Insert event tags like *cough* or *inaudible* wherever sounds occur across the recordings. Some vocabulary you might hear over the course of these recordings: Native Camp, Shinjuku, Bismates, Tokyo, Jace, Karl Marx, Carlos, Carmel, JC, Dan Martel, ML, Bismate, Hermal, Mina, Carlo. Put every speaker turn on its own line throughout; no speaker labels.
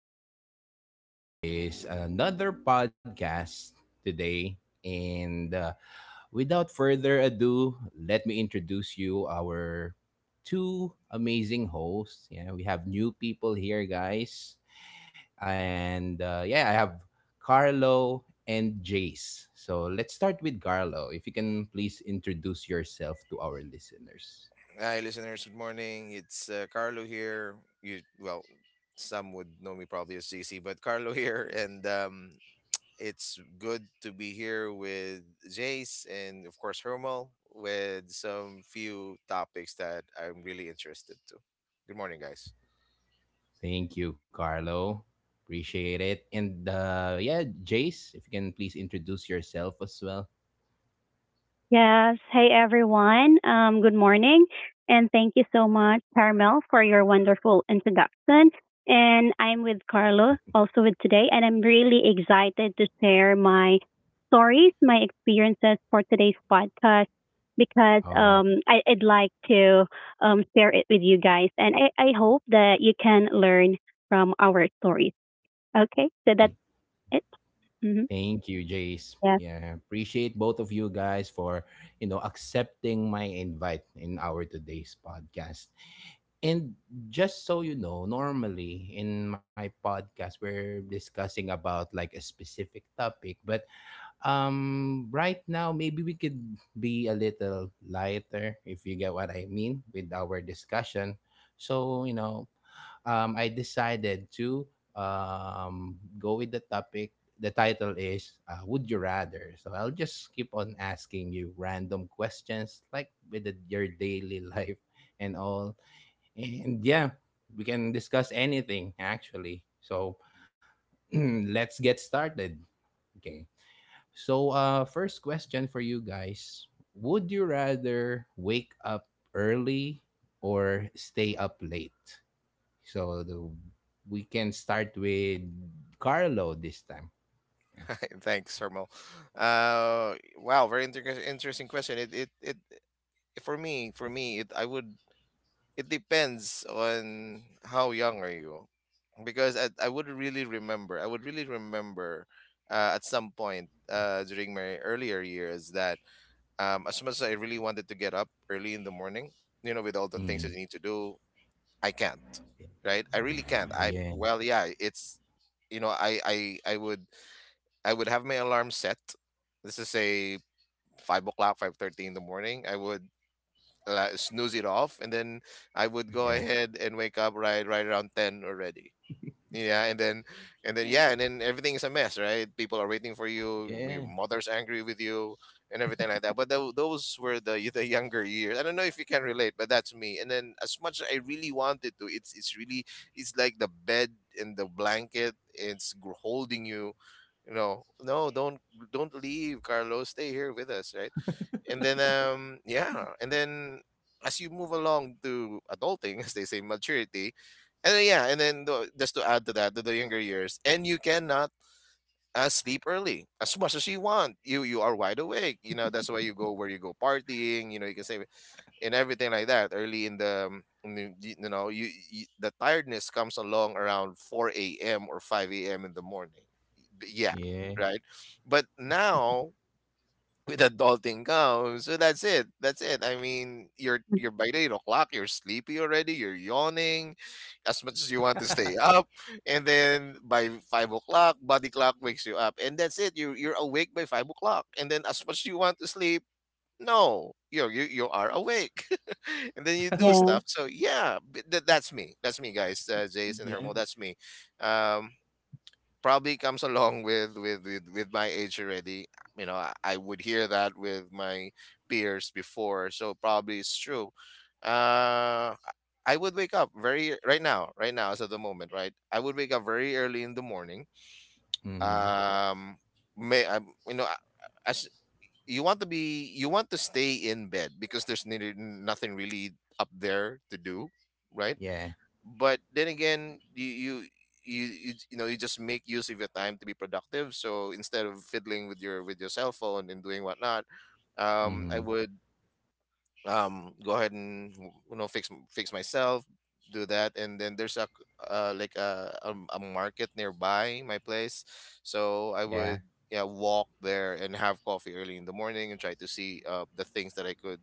Welcome back again to this another podcast today. And Without further ado, let me introduce you our two amazing hosts. Yeah, we have new people here, guys. I have Carlo and Jace. So let's start with Carlo. If you can please introduce yourself to our listeners.
Hi, listeners. Good morning. It's Carlo here. You well, some would know me probably as JC, but Carlo *laughs* here, and it's good to be here with Jace and of course Hermal with some few topics that I'm really interested to. Good morning, guys. *laughs*
Thank you, Carlo. Appreciate it. And Yeah, Jace, if you can please introduce yourself as well.
Yes. Hey, everyone. Good morning. And thank you so much, Carmel, for your wonderful introduction. And I'm with Carlo also with today. And I'm really excited to share my stories, my experiences for today's podcast because
Oh,
I'd like to share it with you guys. And I hope that you can learn from our stories. Okay. So that's
th-
it. Mm-hmm.
thank you, Jace.
Yes.
Yeah, appreciate both of you guys for you know accepting my invite in our today's podcast. And just so you know, normally in my podcast we're discussing about like a specific topic, but right now, maybe we could be a little lighter, if you get what I mean, with our discussion. So, you know, I decided to go with the topic. The title is Would You Rather? So I'll just keep on asking you random questions, like with your daily *laughs* life and all. And yeah, we can discuss anything, actually. So *clears throat* let's get started. Okay. So, first question for you guys. Would you rather wake up early or stay up late? So, we can start with Carlo this time.
Hi. Thanks, Hermal. Wow, very interesting question. It For me, it I would it depends on how young are you because I would really remember I would really remember. At some point during my earlier years that as much as I really wanted to get up early in the morning, you know, with all the things that
Mm,
you need to do, I can't. Right, I really can't. I
yeah,
well, yeah, it's, you know, I would I would have my alarm set. This is say 5 o'clock, 5:30 in the morning. I would snooze it off, and then I would go
yeah,
ahead and wake up right around 10 already. Yeah, and then and then everything is a mess, right? People are waiting for you,
yeah,
your mother's angry with you and everything like that. But those were the *laughs* the younger years. I don't know if you can relate, but that's me. And then as much as I really wanted to, it's really it's like the bed and the blanket, it's holding you, you know. No, don't leave, Carlos. Stay here with us, right? And then yeah, and then as you move along to adulting *laughs* as they say maturity, and then, yeah, and then the, just to add to that, to the younger years, and you cannot sleep early as much as you want. You are wide awake. You know that's why you go where you go partying. You know you can say and everything like that early in the in you you know you, you the tiredness comes along around four a.m. or five a.m. in the morning. Yeah,
yeah,
right. But now with adulting comes. So that's it. That's it. I mean,
Mhm.
you're by the 8 o'clock, you're sleepy already, you're yawning as much as you want to stay up. And then by 5 o'clock, body clock wakes you up. And that's it. You you're awake by 5 o'clock. And then as much as you want to sleep, no. You're, you are awake. *laughs* And then you do
Yes.
stuff. So yeah, that that's me. That's me, guys. Jace and
yeah.
Hermo, that's me. Um probably comes along with with my age already, you know. I would hear that with my peers before, so probably it's true. uh I would wake up very right now, as of the moment, right? I would wake up very early in the morning.
Mm-hmm,
um may I, you know, as you want to be, you want to stay in bed because there's neither- nothing really up there to do, right?
yeah,
But then again, you know you just make use of your time to be productive. So instead of fiddling with your cell phone and doing whatnot, I
mm-hmm,
would go ahead and, you know, fix myself, do that. And then there's a like a market nearby my place, so I
yeah,
would yeah walk there and have coffee early in the morning, and try to see the things that I could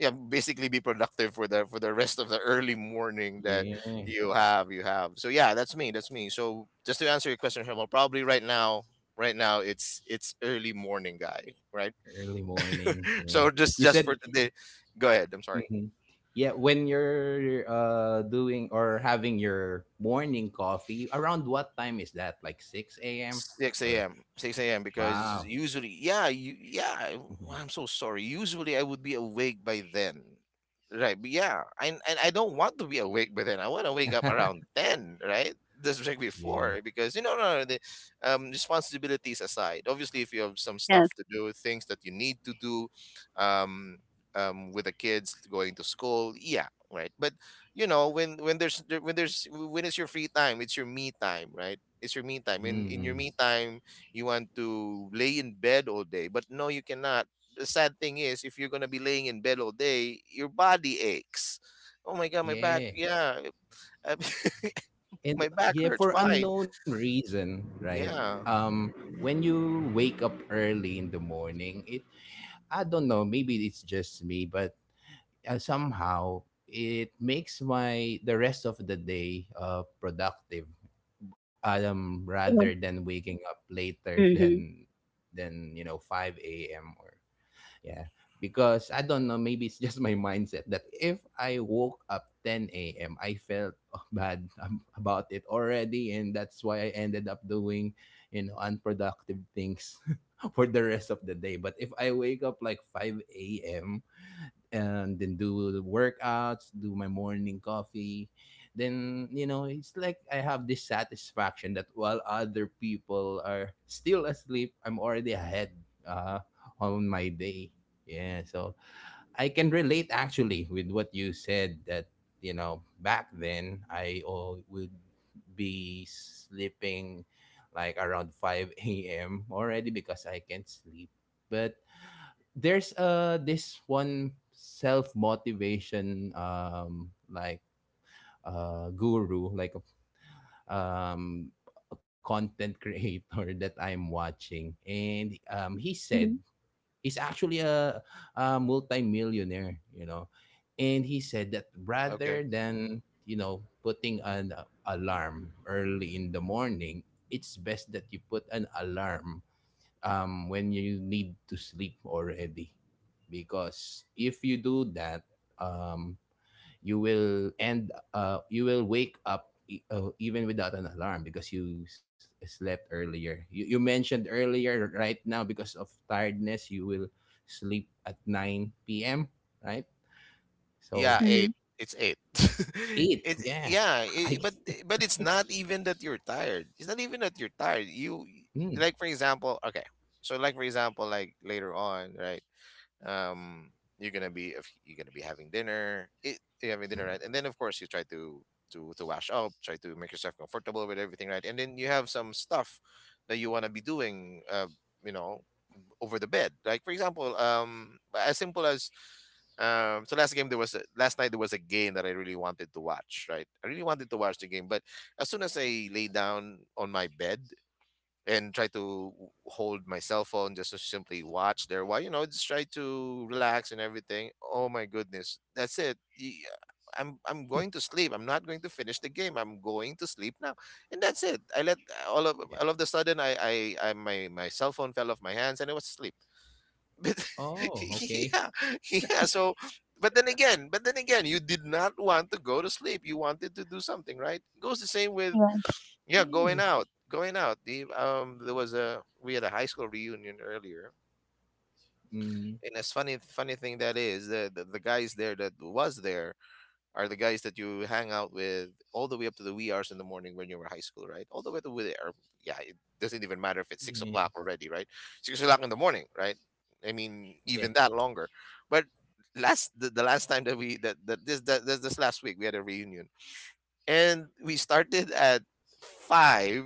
yeah basically be productive for the rest of the early morning that
yeah,
you have. So yeah, that's me, that's me. So just to answer your question, Herman, probably right now, right now it's early morning, guy, right?
early morning,
*laughs*
yeah.
So
You
just for
said
today, go ahead. I'm sorry.
mhm. Yeah, when you're doing or having your morning coffee, around what time is that? Like 6 a.m.
6
or
a.m. 6 a.m., because
wow.
usually, yeah, you, yeah, I, I'm so sorry. Usually I would be awake by then. Right. But yeah, and I don't want to be awake by then. I want to wake up around
*laughs*
10, right? Just like
Yeah.
before, because you know, no, no, the responsibilities aside, obviously, if you have some
Yes.
stuff to do, things that you need to do, um, with the kids going to school, yeah, right. But you know, when there's there- when there's when it's your free time, it's your me time, right? It's your me time. In your
Hmm.
me time, you want to lay in bed all day, but no, you cannot. The sad thing is, if you're gonna be laying in bed all day, your body aches. Oh my god, my back.
Yeah.
Yeah, I- *laughs* my
And
back
yeah,
hurts.
for
Why?
unknown reason, right?
Yeah.
Um, when you wake up early in the morning, it I don't know, maybe it's just me, but somehow it makes my the rest of the day productive rather
Yes.
than waking up later *laughs*
Mm-hmm.
than you know 5 a.m or yeah because I don't know maybe it's just my mindset that if I woke up 10 a.m I felt *laughs* oh, bad about it already and that's why I ended up doing you know unproductive things *laughs* for the rest of the day but if I wake up like 5 a.m and then do the workouts, do my morning coffee. Then, you know, it's like I have this satisfaction that while other people are still asleep, I'm already ahead uh, on my day. Yeah, so I can relate actually with what you said that, you know, back then I oh, would be sleeping like around 5 a.m. already because I can't sleep. But there's this one self motivation like guru like um a content creator *laughs* that I'm watching and he
Mm-hmm.
said he's actually a millionaire you know and he said that
Okay.
rather than you know putting an alarm early in the morning it's best that you put an alarm when you need to sleep already. Because if you do that, um, you will end, you will wake up even without an alarm because you slept earlier. You mentioned earlier, right now, because of tiredness, you will sleep at 9 p.m., right?
Yeah,
So,
eight. It's eight. *laughs* It
8, yeah.
yeah, it,
*laughs* I,
but it's not even that you're tired. It's not even that you're tired. You like
mm,
for example, okay. So like for example, like later on, right? um you're gonna be, if you're gonna be having dinner, it, you're having dinner, right?
mm,
And then of course you try to to wash up, try to make yourself comfortable with everything, right? And then you have some stuff that you want to be doing, you know, over the bed, like for example as simple as so last game there was a, last night there was a game that I really wanted to watch, right? I really wanted to watch the game, but as soon as I lay down on my bed and try to hold my cell phone, just to simply watch there while, you know, just try to relax and everything, oh my goodness, that's it. I'm going to sleep. I'm not going to finish the game. I'm going to sleep now. And that's it. I let
yeah.
all of the sudden, I my my cell phone fell off my hands and I was asleep. *laughs* But *laughs*
Oh, okay.
yeah, yeah. So, but then again, but then again, you did not want to go to sleep, you wanted to do something, right? It goes the same with,
Yes.
yeah, going
Mm,
out, going out. The there was a, we had a high school reunion earlier,
mm,
and it's funny. Funny thing that is the, the guys there that was there are the guys that you hang out with all the way up to the wee hours in the morning when you were high school, right? All the way to wee or yeah, it doesn't even matter
yeah,
if it's
yeah.
6 o'clock already, right? 6 o'clock in the morning, right? I mean, even that longer, but last the last time that we that, that, this last week, we had a reunion, and we started at 5,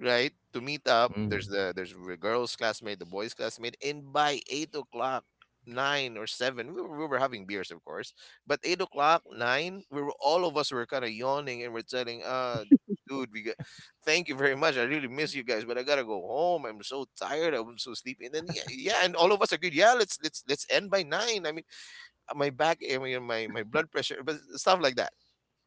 right? To meet up, there's
Mm.
the, there's the girls classmate, the boys classmate, and by 8 o'clock, 9 or 7, we were having beers of course, but 8 o'clock, 9, we were, all of us were kind of yawning, and we're telling, dude, we got, thank you very much, I really miss you guys, but I gotta go home, I'm so tired, I'm so sleepy. And then yeah, yeah, and all of us agreed, yeah, let's let's end by 9. I mean, my back, I mean, my blood pressure, but stuff like that.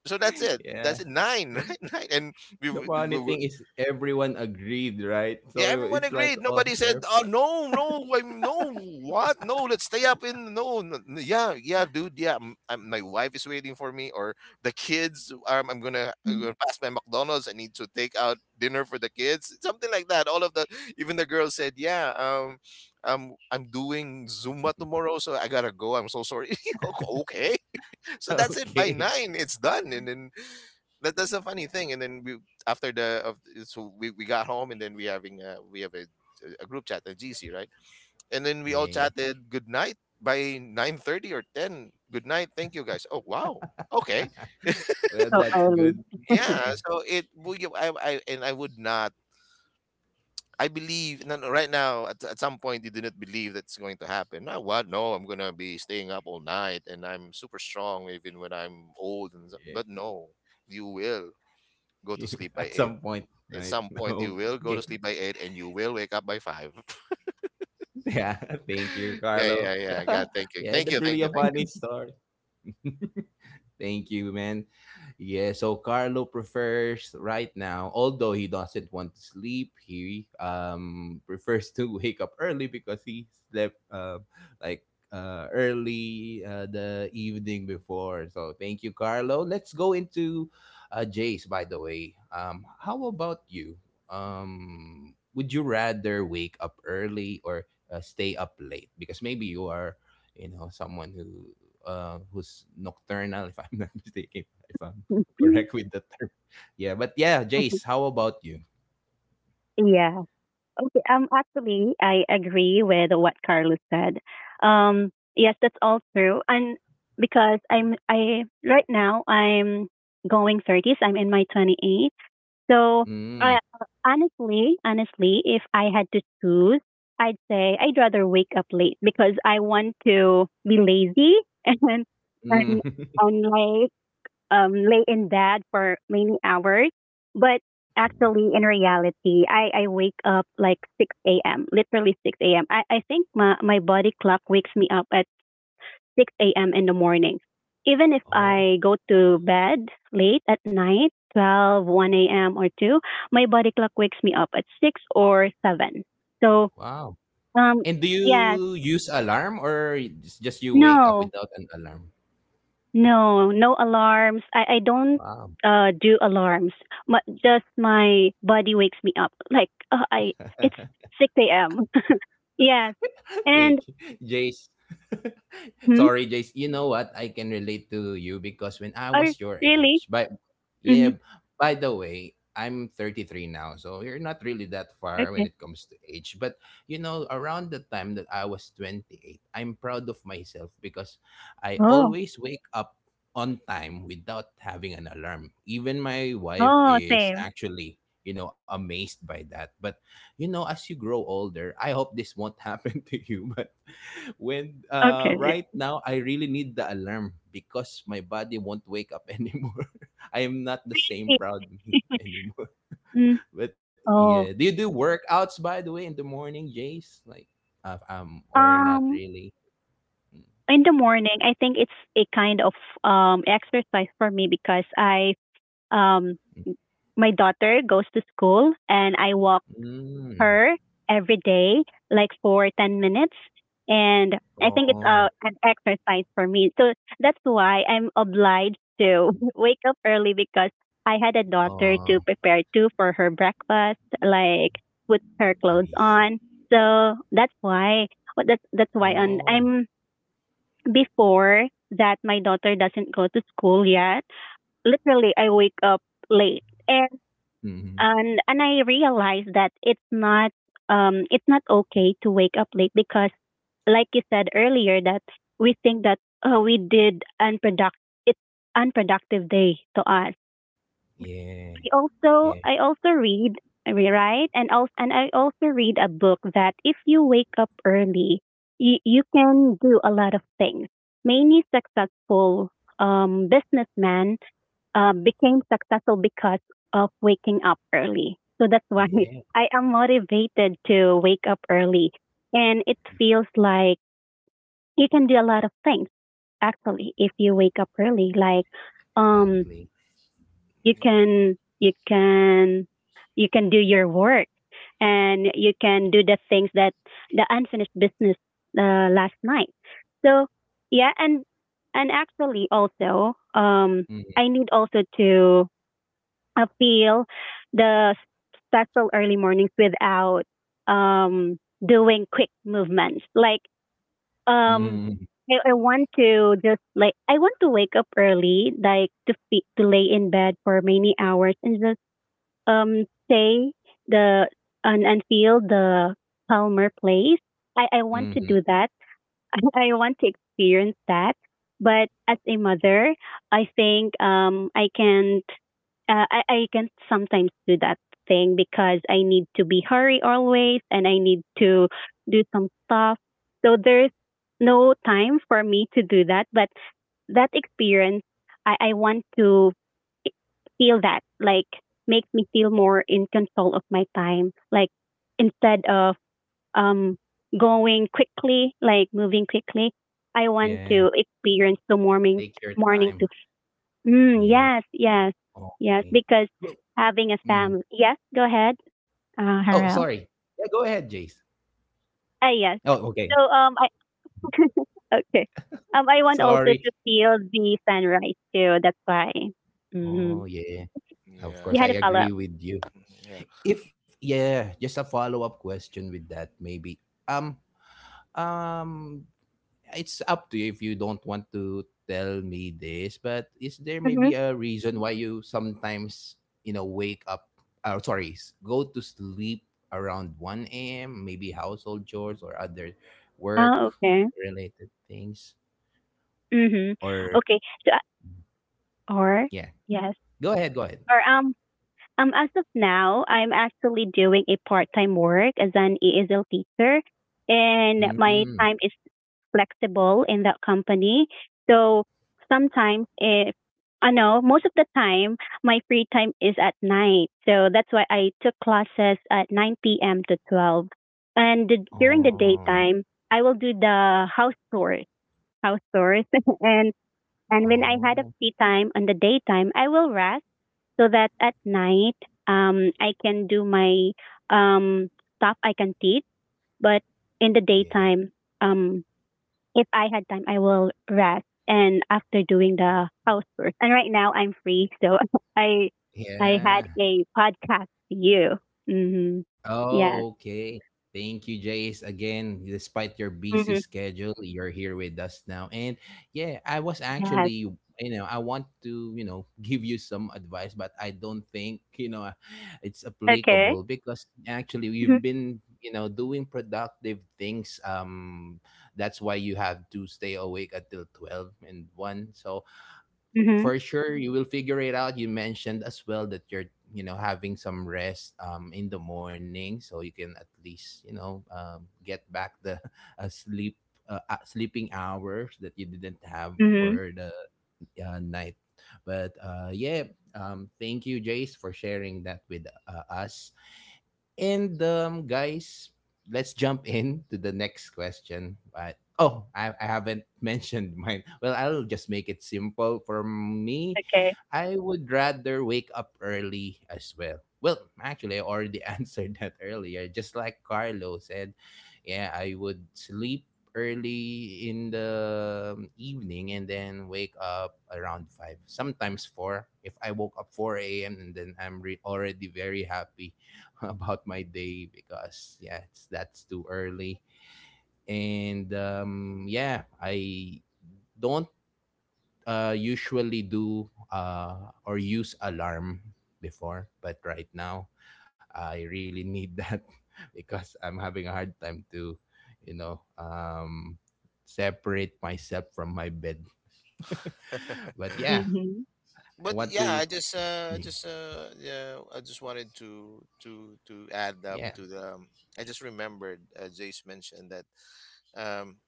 So that's
*laughs*
it.
Yeah.
That's it. 9, *laughs*
Hmm.
right? 9. And we,
The funny thing is everyone agreed, right?
yeah,
So
everyone
it's like,
agreed.
oh,
Nobody said,
ev-
"Oh no, no, I'm no, what? No, let's stay up in no, yeah, yeah, dude, yeah. M I'm, my wife is waiting for me, or the kids. I'm
Mhm.
gonna pass my McDonald's. I need to take out dinner for the kids." Something like that. All of the, even the girl said, "Yeah, I'm doing Zumba tomorrow, so I gotta go. I'm so sorry." *laughs* Okay,
*laughs*
so that's it. By
okay,
nine, it's done, and then that that's a funny thing. And then we after the of so we got home, and then we having a, we have a group chat, a GC, right? And then we all
yeah.
chatted good night by 9:30 or 10. Good night, thank you guys. Oh wow, okay, *laughs*
Well,
So
that's
early.
good. Yeah,
yeah. So it well, you- I and I would not. I believe no, no, right now at some point you didn't believe that's going to happen. No, what? No, I'm gonna be staying up all night and I'm super strong even when I'm old. And so- but no, you will go to
yeah.
sleep
*laughs*
by
At
8.
some point,
At
right?
some
*laughs*
point, you will
Okay.
go to sleep by 8, and you will wake up by 5.
Yeah. *laughs* Thank you,
*laughs* Yeah,
Carlo.
yeah, yeah.
*laughs*
God, thank you,
Yeah,
thank
that's
you,
really
thank
a
you, thank you.
funny
*laughs*
story. *laughs* Thank you, man. Yeah, so Carlo prefers right now, although he doesn't want to sleep, he prefers to *laughs* wake up early because he slept like early the evening before. So thank you, Carlo. Let's go into Jace. By the way, how about you? Would you rather wake up early or stay up late? Because maybe you are, you know, someone who who's nocturnal, *laughs* if I'm not *laughs* mistaken if I'm *laughs* correct with the term. Yeah, but yeah, Jace, how about you?
Yeah. Okay. Actually, I agree with what Carlos said. Um. Yes, that's all true. And because I'm, I right now I'm going thirties. I'm in my 28. So,
Mm,
I honestly, if I had to choose, I'd say I'd rather wake up late because I want to be lazy *laughs* and
mm.
and
*laughs*
and like, lay in bed for many hours. But actually, in reality, I wake up like 6 a.m., literally 6 a.m. I think my body clock wakes me up at 6 a.m. in the morning. Even if I
Oh,
go to bed late at night, 12, 1 a.m. or 2, my body clock wakes me up at 6 or 7. So,
wow.
um,
And do
yes,
you use alarm or it's just you wake up
no,
without an alarm?
no, no alarms. I don't
Wow.
do alarms. Just my body wakes me up. Like, I it's 6 a.m. *laughs* Yes.
*laughs* Thank you,
And
Jace. *laughs*
hmm?
Sorry, Jace. You know what? I can relate to you because when I
Oh,
was your
really?
age, but
Mhm.
yeah, by the way, I'm 33 now, so you're not really that far when
Okay.
it comes to age. But you know, around the time that I was 28, I'm proud of myself because I
Oh.
always wake up on time without having an alarm. Even my wife
Oh,
is
same.
actually, you know, amazed by that. But you know, as you grow older, I hope this won't happen *laughs* to you, but when
Okay.
right now I really need the alarm because my body won't wake up *laughs* anymore. I am not the
*laughs* Really?
same proud me *laughs* anymore.
Mm.
But
Oh.
yeah, do you do workouts by the way in the morning, Jace? Like, or
Um
not really?
in the morning, I think it's a kind of exercise for me, because I um my daughter goes to school and I walk
Mm.
her every day, like for 10 minutes. And I think it's a
Oh,
an exercise for me. So that's why I'm obliged to *laughs* wake up early, because I had a daughter to
oh,
prepare too for her breakfast, like put her clothes
I
on.
see.
So that's why, well, that's why. And I'm
Oh,
before that, my daughter doesn't go to school yet. Literally, I wake up late. And
mm-hmm.
and and I realized that it's not okay to wake up late, because like you said earlier, that we think that, oh, we did unproductive, it's unproductive day to us. I
Yeah,
also I
yeah,
also read, I rewrite and also, and I also read a book that if you wake up early, you can do a lot of things. Many successful businessmen, became successful because of waking up early. So that's why *laughs*
yeah,
I am motivated to wake up early. And it feels like you can do a lot of things actually if you wake up early. Like, um
exactly.
you
Yeah,
can you can you can do your work, and you can do the things that, the unfinished business, last night. So, yeah. And actually also, I
Mm-hmm.
need also to feel the special early mornings without, um, doing quick movements. Like, um,
Mm-hmm.
I want to just, like, I want to wake up early, like to lay in bed for many hours, and just stay, the and feel the calmer place. I want to do
Mm-hmm.
that. *laughs* I want to experience that. But as a mother, I think, I can't. I can sometimes do that thing because I need to be hurry always, and I need to do some stuff. So there's no time for me to do that. But that experience, I want to feel that, like, makes me feel more in control of my time. Like, instead of um, going quickly, like moving quickly. I want to
Yeah,
experience the morning
take your
morning to.
time.
Mm, yes,
Yeah,
yes, yes.
okay.
Because
But
having a family.
mhm.
Yes, go ahead,
Oh,
Harel.
sorry. Yeah, go ahead, Jace.
Ah, yes.
Oh, okay.
So, I *laughs* okay. I want also
Sorry.
to feel the sunrise too. That's why. Mm-hmm.
Oh, yeah. Of
You
yeah,
had a
course, I
follow
yeah,
up.
agree with you.
mm, yeah.
If yeah, just a follow-up question with that maybe. Um um it's up to you if you don't want to tell me this, but is there
Mm-hmm.
maybe a reason why you sometimes, you know, wake up or sorry, go to sleep around 1 a.m., maybe household chores or other
Oh,
work
okay.
related things
Mm-hmm.
or
Okay. So, or
yeah.
yes,
Go ahead, go ahead.
or as of now, I'm actually doing a part-time work as an ESL teacher, and my
Mm.
time is flexible in that company. So sometimes, if I know most of the time, my free time is at night. So that's why I took classes at 9 p.m. to 12, and during the
Oh,
daytime, I will do the house chores, house chores, *laughs* and and when I had a
oh,
free time on the daytime, I will rest so that at night, I can do my um stuff, I can teach, but in the
yeah.
daytime, um if I had time, I will rest and after doing the housework. And right now I'm free, so *laughs* I I had
Yeah.
a podcast to you. Mhm.
Oh,
Yes.
okay. Thank you, Jace. Again, despite your busy
Mhm.
schedule, you're here with us now. And yeah, I was
Yes.
actually, you know, I want to, you know, *laughs* give you some advice, but I don't think, you know, it's
Okay.
applicable because actually you've
Mhm.
been, you know, doing productive things. That's why you have to stay awake until 12 and 1. So
Mhm.
for sure you will figure it out you mentioned as well that you're you know having some rest in the morning so you can at least you know get back the *laughs* sleep sleeping hours that you didn't have
Mhm.
for the night but yeah thank you Jace for sharing that with us and guys, let's jump in to the next question. But oh, I haven't *laughs* mentioned mine. Well, I'll just make it simple for me.
Okay.
I would rather wake up early as well. Well, actually, I already *laughs* answered that earlier. Just like Carlo said, yeah, I would sleep early in the evening and then wake up around 5 sometimes 4 if I woke up 4 a.m and then already very happy *laughs* about my day because yeah, it's that's too early. And yeah, I don't usually do or use alarm before, but right now I really need that *laughs* because I'm having a hard time to, you know, separate myself from my bed. *laughs* But yeah,
*sighs*
Mhm.
I
But
want
yeah,
to.
I
Mm,
just, yeah, I just wanted to to add up
yeah,
to the. I just remembered, Jace mentioned that um,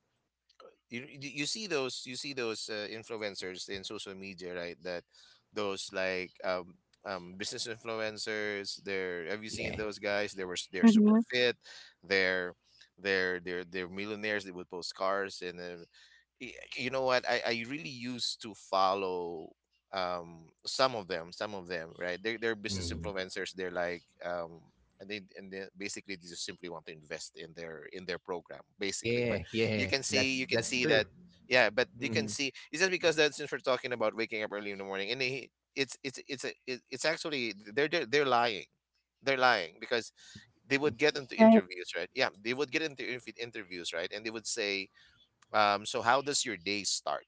you see those, you see those influencers in social media, right? That those, like, business influencers. They're, have you seen
yeah,
those guys? They're super
Mhm.
fit. They're they're millionaires. They would post cars, and then you know what, I really used to follow, some of them, right? They're business
mm,
influencers, they're like, and they, basically they just simply want to invest in their, program, basically. But
yeah,
you
yeah.
can see you can
That's
see that,
true.
yeah. But you can
Mhm.
see, it's just because, that since we're talking about waking up early in the morning, and they, it's actually, they're lying. They're lying, because they would get into
Right.
interviews, right? Yeah, they would get into interviews, right? And they would say, "So how does your day start,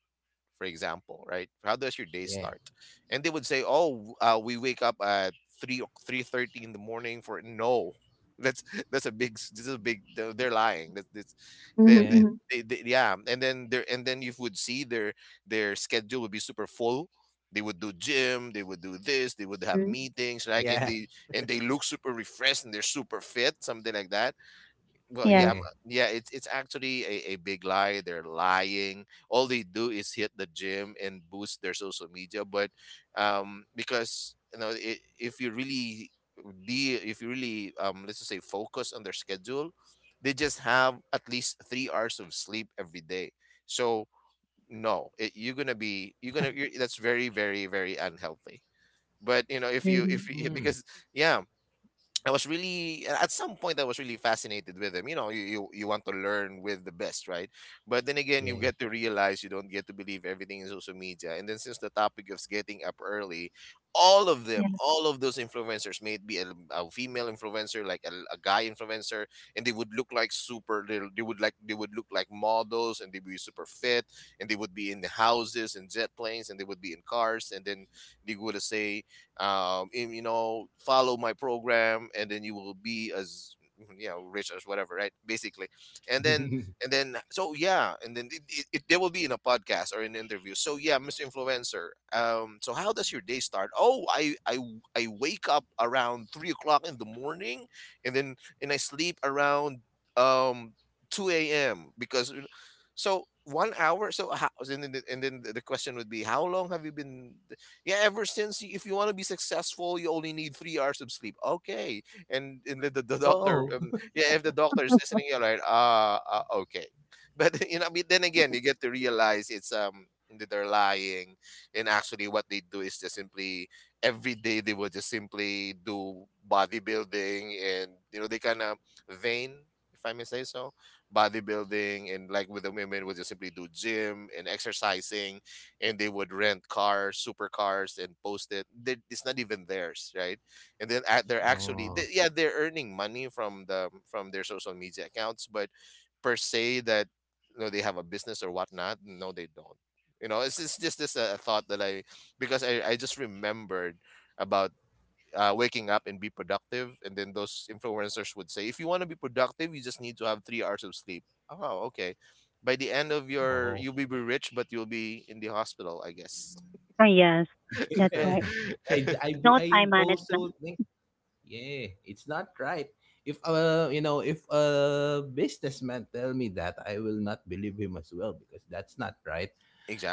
for example, right? How does your day
Yeah.
start?" And they would say, "Oh, we wake up at 3 3:30 in the morning. For no..." *laughs* that's that's a big this is a big, they're lying. That's this that
Mhm.
Yeah.
Mhm.
yeah. And then you would see their, schedule would be super full. They would do gym, they would do this, they would have
Mhm.
meetings, like, and
Yeah.
they and they look super refreshed, and they're super fit, something like that. Well, yeah,
Yes.
Yeah.
yeah, it's actually a big lie. They're lying. All they do is hit the gym and boost their social media. But because you know, I if you really, if you really, let's just say, focus on their schedule, they just have at least 3 hours of sleep every day. So no, it, you're gonna be you're gonna you're, that's very, very, very unhealthy. But you know, if
Mhm.
you, *laughs*
Mm.
because yeah, I was really, at some point I was really fascinated with him. You know, you want to learn with the best, right? But then again, you
Yeah.
get to realize you don't get to believe everything in social media. And then, since the topic of getting up early, all of them,
Yes.
all of those influencers, may it be a female influencer, like a guy influencer, and they would look like super. They would look like models, and they would be super fit, and they would be in the houses and jet planes, and they would be in cars, and then they would say, "And, you know, follow my program, and then you will be as, you know, rich as whatever," right? Basically. and then
*laughs*
and then so yeah, and then it, they will be in a podcast or an interview. So yeah, Mr. Influencer. So how does your day start? "Oh, I wake up around 3 o'clock in the morning, and then, and I sleep around, um 2 a.m., because you know, so 1 hour." So how... and then the, and then the question would be, "How long have you been..." Yeah, ever since. If you want to be successful, you only need 3 hours of sleep. Okay. And the doctor,
Oh. *laughs*
yeah, if the doctor is listening, you're like, "Ah, okay." But *laughs* you know, I mean, then again you get to realize, it's that they're lying. And actually what they do is just simply, every day they will just simply do bodybuilding, and you know, they kind of vain, if I may say so. Bodybuilding, and like, with the women, will just simply do gym and exercising, and they would rent cars, supercars, and post it. They, it's not even theirs, right? And then they're actually,
Oh.
yeah, they're earning money from the from their social media accounts. But per se, that, you know, they have a business or whatnot? No, they don't. You know, it's just this thought that I, because I just remembered about, waking up and be productive. And then those influencers would say, "If you want to be productive, you just need to have 3 hours of sleep." Oh, okay. By the end of
Oh.
your, you'll be rich, but you'll be in the hospital, I guess.
Oh, yes. That's
Yeah.
right. No time
I also
management.
think yeah, it's not right. If you know if a businessman tell me that, I will not believe him as well because that's not right.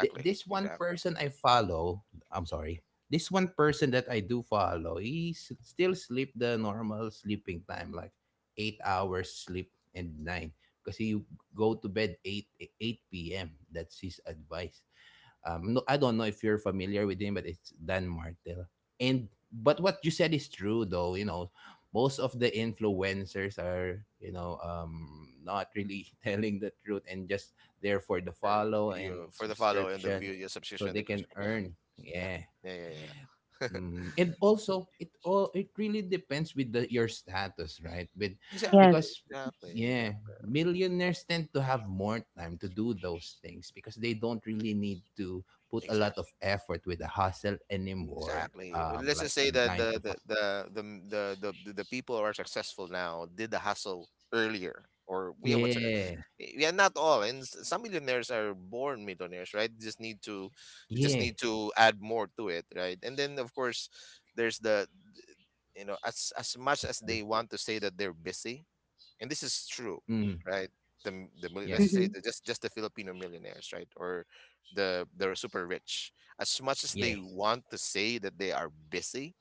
This one
Exactly.
person I follow, I'm sorry, this one person that I do follow, still sleep the normal sleeping time, like 8 hours sleep and nine, because he go to bed eight p.m. That's his advice. No, I don't know if you're familiar with him, but it's Dan Martel. And but what you said is true, though. You know, most of the influencers are you know not really *laughs* telling the truth and just there for the
Your,
follow and
for the follow and the
subscription,
view, your
so
subscription,
they
the
can
yeah,
earn.
yeah,
Yeah.
yeah, yeah, yeah.
Mm, and also it all it really depends with your status right with
Yes.
Exactly.
because
Exactly.
yeah
Exactly.
millionaires tend to have more time to do those things because they don't really need to put a lot of
Exactly.
effort with the hustle anymore
Exactly. Or, let's just
like
say
a
that
9 to 5
the m- the people who are successful now did the hustle earlier, or yeah,
yeah
yeah, not all. And some millionaires are born millionaires, right? They just
yeah
need to add more to it, right? And then of course, there's the, you know, as much as
the,
they want to say that they're busy, and this is true,
mm,
right? The m- the mil-
yeah
let's say
Mhm.
the, just the Filipino millionaires, right? Or the super rich. As much as
yeah
they want to say that they are busy,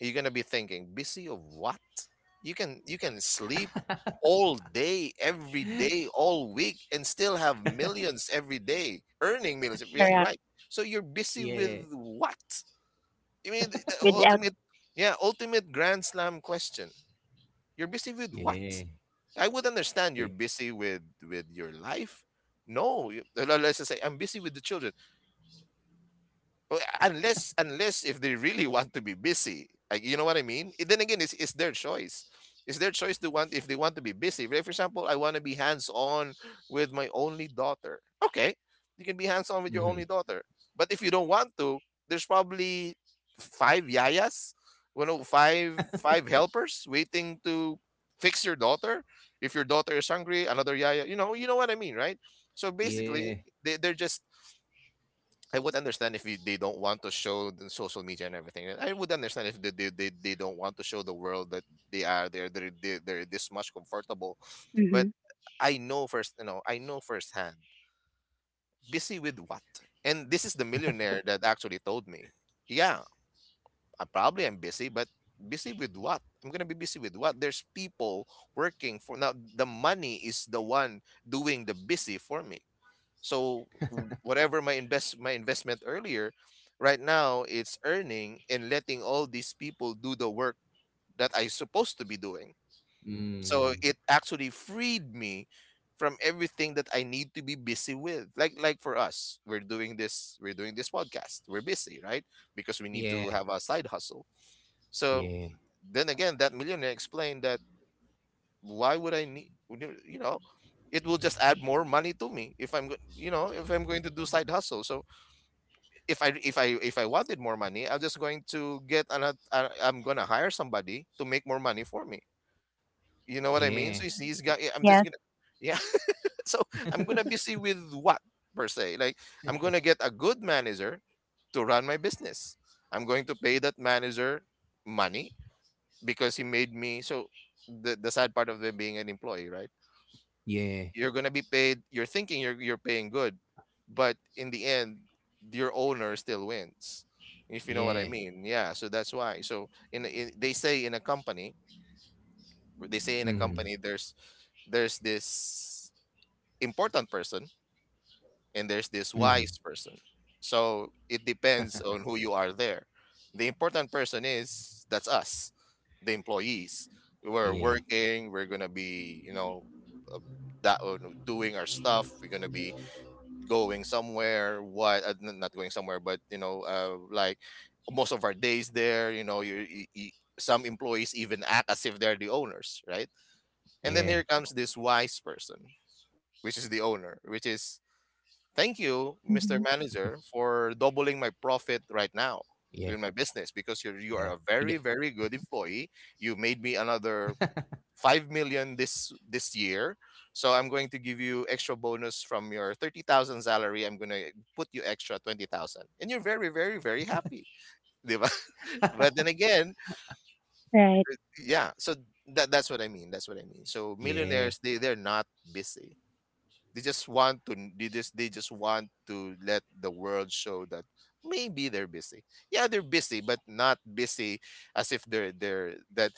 you're gonna be thinking, "Busy of what?" You can sleep all day, every day, all week, and still have millions every day, earning millions, yeah,
Correct.
right? So you're busy with
yeah
what? I mean, the,
Without.
ultimate, yeah, ultimate grand slam question. You're busy with what?
yeah
I would understand you're
eh,
busy with, your life. No, let's just say I'm busy with the children. Well, unless if they really *laughs* want to be busy, like, you know what I mean. Eh, then again, it's their choice, to want, if they want to be busy. Like, for example, I want to be hands-on with my only daughter, okay? You can be hands-on with your
mhm,
only daughter, but if you don't want to, there's probably five yayas, you know, five helpers waiting to fix your daughter. If your daughter is hungry, another yaya, you know, you know what I mean, right? So
yeah
basically, they're just, I would understand if they don't want to show the social media and everything. And I would understand if they don't want to show the world that they are they're this much comfortable. But
Mhm.
I know you know, I know firsthand. Busy with what? And this is the millionaire that actually told me, "Yeah, I probably am busy, but busy with what? I'm gonna be busy with what? There's people working for now. The money is the one doing the busy for me. So whatever my invest my investment earlier, right now it's earning and letting all these people do the work that I supposed to be doing. So
mm,
it actually freed me from everything that I need to be busy with." Like, for us, we're doing this, podcast. We're busy, right? Because we need
yeah
to have a side hustle. So
yeah
then again, that millionaire explained that, "Why would I need, you know, it will just add more money to me if you know, if I'm going to do side hustle. So if I wanted more money, I'm just going to get another. I'm gonna hire somebody to make more money for me. You know what I
yeah
mean?" So he's got, yeah, I'm just
Yes.
gonna, yeah. *laughs* So, "I'm gonna busy with what, per se. Like, I'm gonna get a good manager to run my business. I'm going to pay that manager money because he made me." So the sad part of them being an employee, right?
yeah
You're gonna be paid. You're thinking you're, paying good, but in the end, your owner still wins. If you know what I
yeah
mean, yeah. So that's why. So in they say in a company,
mm.
there's, this important person, and there's this
Mm.
wise person. So it depends on who you are there. The important person is, that's us, the employees. We're
Yeah,
working. We're gonna be, you know, uh, that, doing our stuff. We're gonna be going somewhere, what, not going somewhere, but you know, like, most of our days there, you know, you, some employees even act as if they're the owners, right? And then
yeah,
here comes this wise person, which is the owner, which is, "Thank you, Mr
Hmm.
manager,
yeah,
for doubling my profit right now
yeah. He
in
get
my business, because you are a very, very good employee. You made me
*laughs*
another 5 million this year, so I'm going to give you extra bonus from your 30,000 salary. I'm going to put you extra 20,000, and you're very, very, very happy." Di ba? *laughs* But then again,
Right.
yeah, so that that's what I mean that's what I mean so millionaires, they
yeah.
they're not busy. They just want to they just want to let the world show that maybe they're busy. Yeah, they're busy, but not busy as if they're that.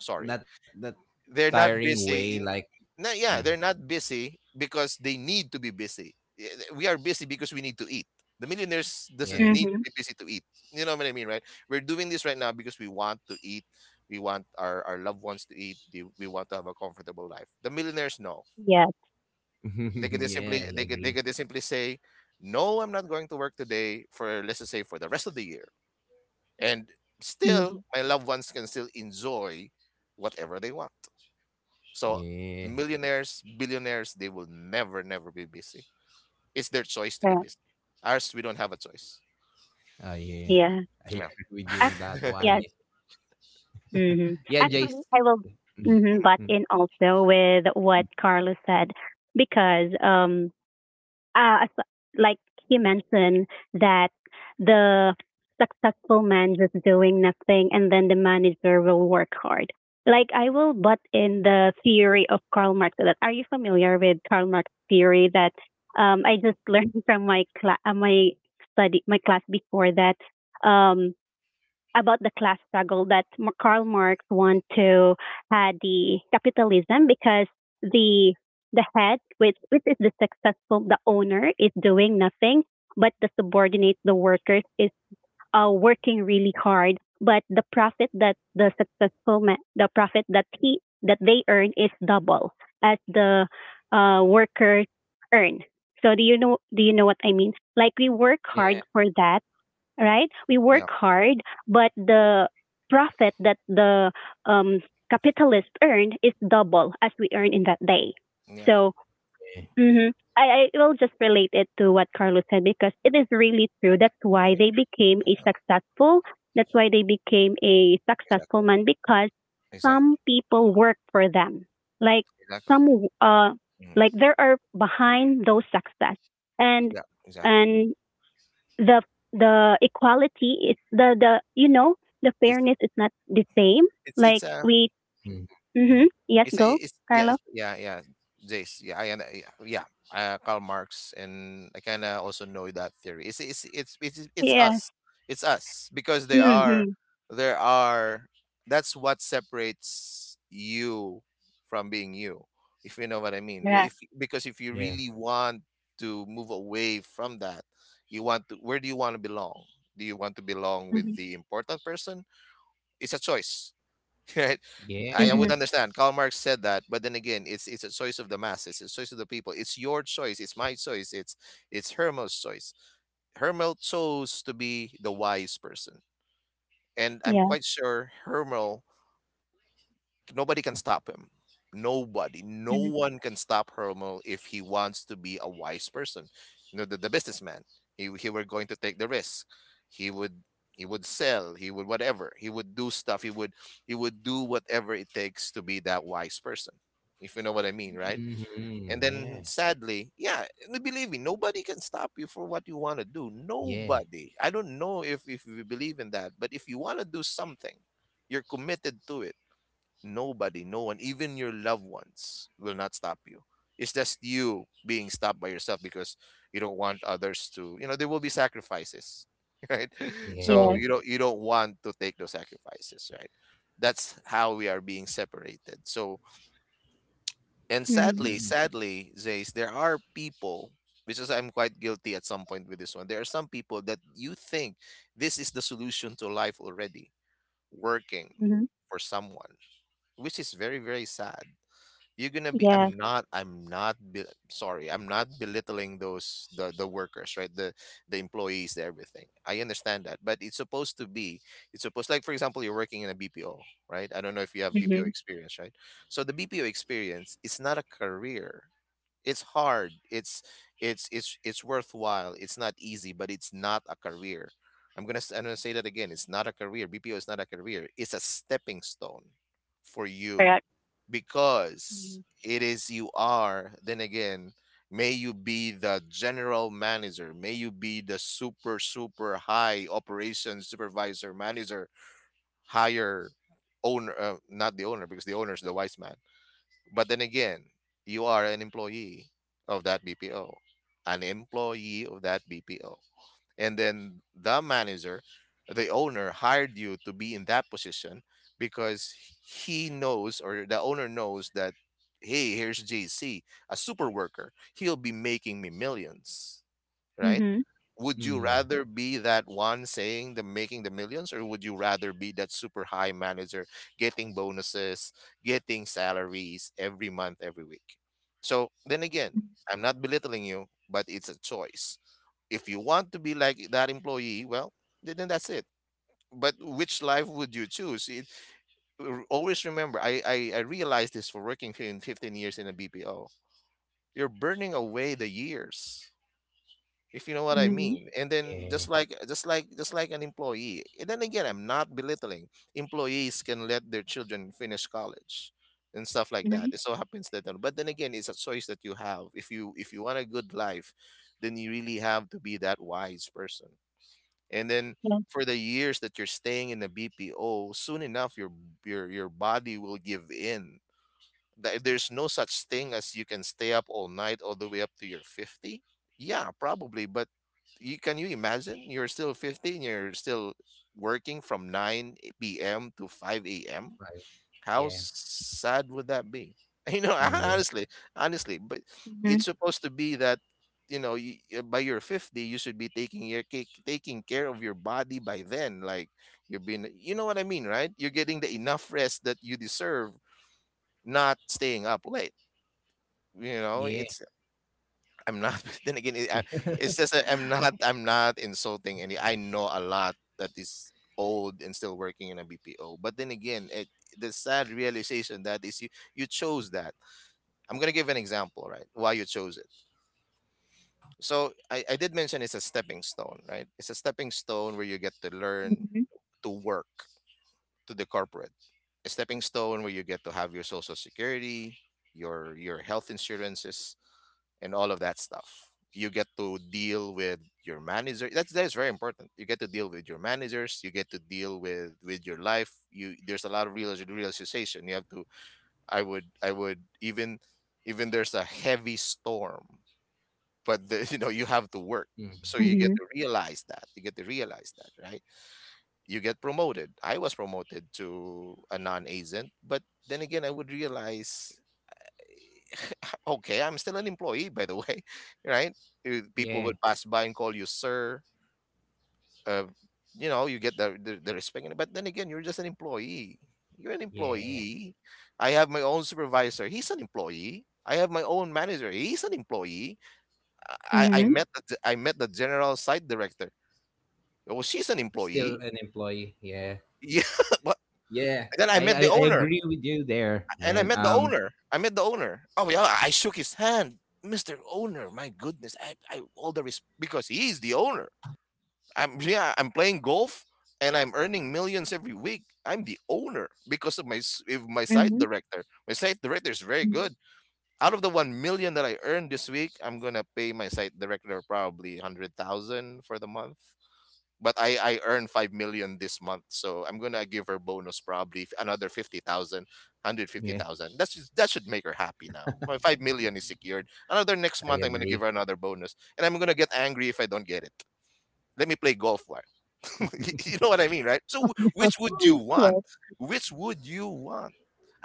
Sorry,
That that
they're not
tiring
busy
way,
in
like
no, yeah, they're
mm,
not busy because they need to be busy. Yeah, we are busy because we need to eat. The millionaires doesn't need
yeah,
to
Mhm.
be busy to eat. You know what I mean, right? We're doing this right now because we want to eat. We want our loved ones to eat. We want to have a comfortable life. The millionaires, no,
Yes.
they could just
*laughs*
simply they
yeah.
could
I
they could just
agree.
simply say, no, I'm not going to work today, for, let's just say, for the rest of the year, and still
Mhm.
my loved ones can still enjoy whatever they want. So
Yeah,
millionaires, billionaires, they will never be busy. It's their choice to be
Correct.
busy. Ours, we don't have a choice.
ah, yeah.
Yeah.
I
Yeah.
agree with you on
Act-
that one.
*laughs*
yes.
Yeah,
Hmm.
yeah
Actually,
Jace.
I will
Mm,
butt
mm,
in also with what Carlos said because, uh, like he mentioned that the successful man just doing nothing and then the manager will work hard. Like, I will butt in the theory of Karl Marx. That, are you familiar with Karl Marx theory? That, I just *laughs* learned from my class before that, um, about the class struggle, that Karl Marx want to, the capitalism, because the the head, which is the successful, the owner is doing nothing, but the subordinate, the workers, is, working really hard. But the profit that the successful man, the profit that he that they earn is double as the, workers earn. So, do you know what I mean? Like, we work hard
yeah,
for that, right? We work
Yeah.
hard, but the profit that the, um, capitalist earned is double as we earn in that day.
Yeah.
So,
yeah,
hmm I will just relate it to what Carlos said because it is really true. That's why
Yeah.
they became a
Yeah.
successful. That's why they became a successful
Exactly.
man because some
Exactly.
people work for them. Like,
Exactly.
some, uh,
Mhm.
like, there are behind those success, and
Yeah. Exactly.
and the the equality is the the
It's
fairness is not the same,
it's
like
it's a
we.
mm,
Mhm.
Mhm.
Yes.
It's a
Go,
it's, yeah,
Carlo.
it's, yeah, yeah, Jace, yeah, I and yeah, yeah, Karl Marx, and I kind of also know that theory. It's it's
Yes.
us. It's us because
Mhm.
there are that's what separates you from being you. If you know what I mean. Well,
Yeah.
if because if you
yeah,
really want to move away from that, you want to where do you want to belong? Do you want to belong with
Mhm.
the important person? It's a choice, *laughs* right? I would
Mhm.
yeah.
understand. Karl Marx said that, but then again, it's a choice of the masses. It's a choice of the people. It's your choice. It's my choice. It's Hermel's choice. Hermel chose to be the wise person, and I'm
Yeah.
quite sure Hermel nobody can stop him. Nobody, no
Mhm.
one can stop Hermel if he wants to be a wise person. You know, the businessman. He were going to take the risk. He would he would sell. He would whatever. He would do stuff. He would do whatever it takes to be that wise person. If you know what I mean, right?
Mm-hmm,
And
yeah,
then sadly, yeah, believe me, nobody can stop you for what you want to do.
yeah,
Nobody. I don't know if you believe in that, but if you want to do something, you're committed to it. Nobody, no one, even your loved ones will not stop you. It's just you being stopped by yourself because you don't want others to, you know, there will be sacrifices, *laughs* right? So
Yes.
yeah.
you don't want to take those sacrifices, right? That's how we are being separated. So, and
Mhm.
sadly, Zays, there are people which is I'm quite guilty at some point with this one. There are some people that you think this is the solution to life already, working
Mhm.
for someone, which is very sad. You're gonna be.
Yes.
I'm not. I'm not. Be, sorry. I'm not belittling those the workers, right? The employees, the everything. I understand that, but it's supposed to be. It's supposed, like for example, you're working in a BPO, right? I don't know if you have BPO
Mhm.
experience, right? So the BPO experience is not a career. It's hard. It's it's worthwhile. It's not easy, but it's not a career. I'm gonna say that again. It's not a career. BPO is not a career. It's a stepping stone for you
Correct.
because
Mhm.
it is you are then again may you be the general manager, may you be the super super high operations supervisor manager higher owner, not the owner because the owner is the wise man. But then again, you are an employee of that BPO, an employee of that BPO. And then the manager, the owner hired you to be in that position because he knows, or the owner knows that, hey, here's JC, a super worker. He'll be making me millions, right?
Mhm.
Would you
Mm-hmm,
rather be that one saying the making the millions, or would you rather be that super high manager getting bonuses, getting salaries every month, every week? So then again, I'm not belittling you, but it's a choice. If you want to be like that employee, well, then that's it. But which life would you choose? Always remember, I realized this for working 15 years in a BPO. You're burning away the years, if you know what I
Mhm.
mean. And then, just
yeah.
like just like just like an employee. And then again, I'm not belittling. Employees can let their children finish college and stuff like that.
Mhm.
It so happens that, but then again, it's a choice that you have. If you want a good life, then you really have to be that wise person. And then
Yes.
for the years that you're staying in the BPO, soon enough your your body will give in. There's no such thing as you can stay up all night all the way up to your 50. Yeah, probably, but you can you imagine you're still 50 and you're still working from 9 p.m. to 5 a.m.
Right.
How
Yeah,
sad would that be? *laughs* You know,
mm, yeah,
honestly, honestly, but
Mhm.
it's supposed to be that you know you, by your 50 you should be taking your taking care of your body by then, like you've been, you know what I mean, right? You're getting the enough rest that you deserve, not staying up late, you know.
yeah.
It's I'm not. *laughs* Then again,
*laughs*
it's just that I'm not. I'm not insulting any. I know a lot that is old and still working in a BPO. But then again, it, the sad realization that is you you chose that. I'm gonna give an example, right? Why you chose it. So I did mention it's a stepping stone, right? It's a stepping stone where you get to learn
Mhm.
to work to the corporate. A stepping stone where you get to have your social security, your health insurances, and all of that stuff. You get to deal with your manager. That is very important. You get to deal with your managers. You get to deal with your life. You there's a lot of real realization. You have to. I would even even there's a heavy storm, but the, *laughs* you know you have to work.
Mm,
So you get
Mhm.
to realize that. You get to realize that, right? You get promoted. I was promoted to a non-agent, but then again, I would realize *laughs* okay, I'm still an employee, by the way, *laughs* right? People
yeah,
would pass by and call you sir. Uh, you know, you get the respect. But then again, you're just an employee. You're an
yeah.
employee. I have my own supervisor. He's an employee. I have my own manager. He's an employee. I
Mhm.
met I met the general site director. Well, she's an
Still
employee.
an
*laughs*
employee. Yeah.
Yeah, but
Yeah.
then I met the
I
owner.
agree with you there,
And I
man.
met the owner. I met the owner. Oh yeah, I shook his hand. Mr. Owner, my goodness, I all the because he is the owner. I'm, yeah, I'm playing golf and I'm earning millions every week. I'm the owner because of if my site
Mhm.
director. My site director is very
Mhm.
good. Out of the 1 million that I earned this week, I'm gonna pay my site director probably 100,000 for the month, but I earn 5 million this month, so I'm going to give her bonus probably another 50,000, hundred fifty
Yeah,
thousand. That's just, that should make her happy. Now my 5 million is secured. Another next
I
month I'm going to give
agree.
her another bonus, and I'm going to get angry if I don't get it. Let me play golf war. *laughs* You know what I mean, right? So which would you want, which would you want?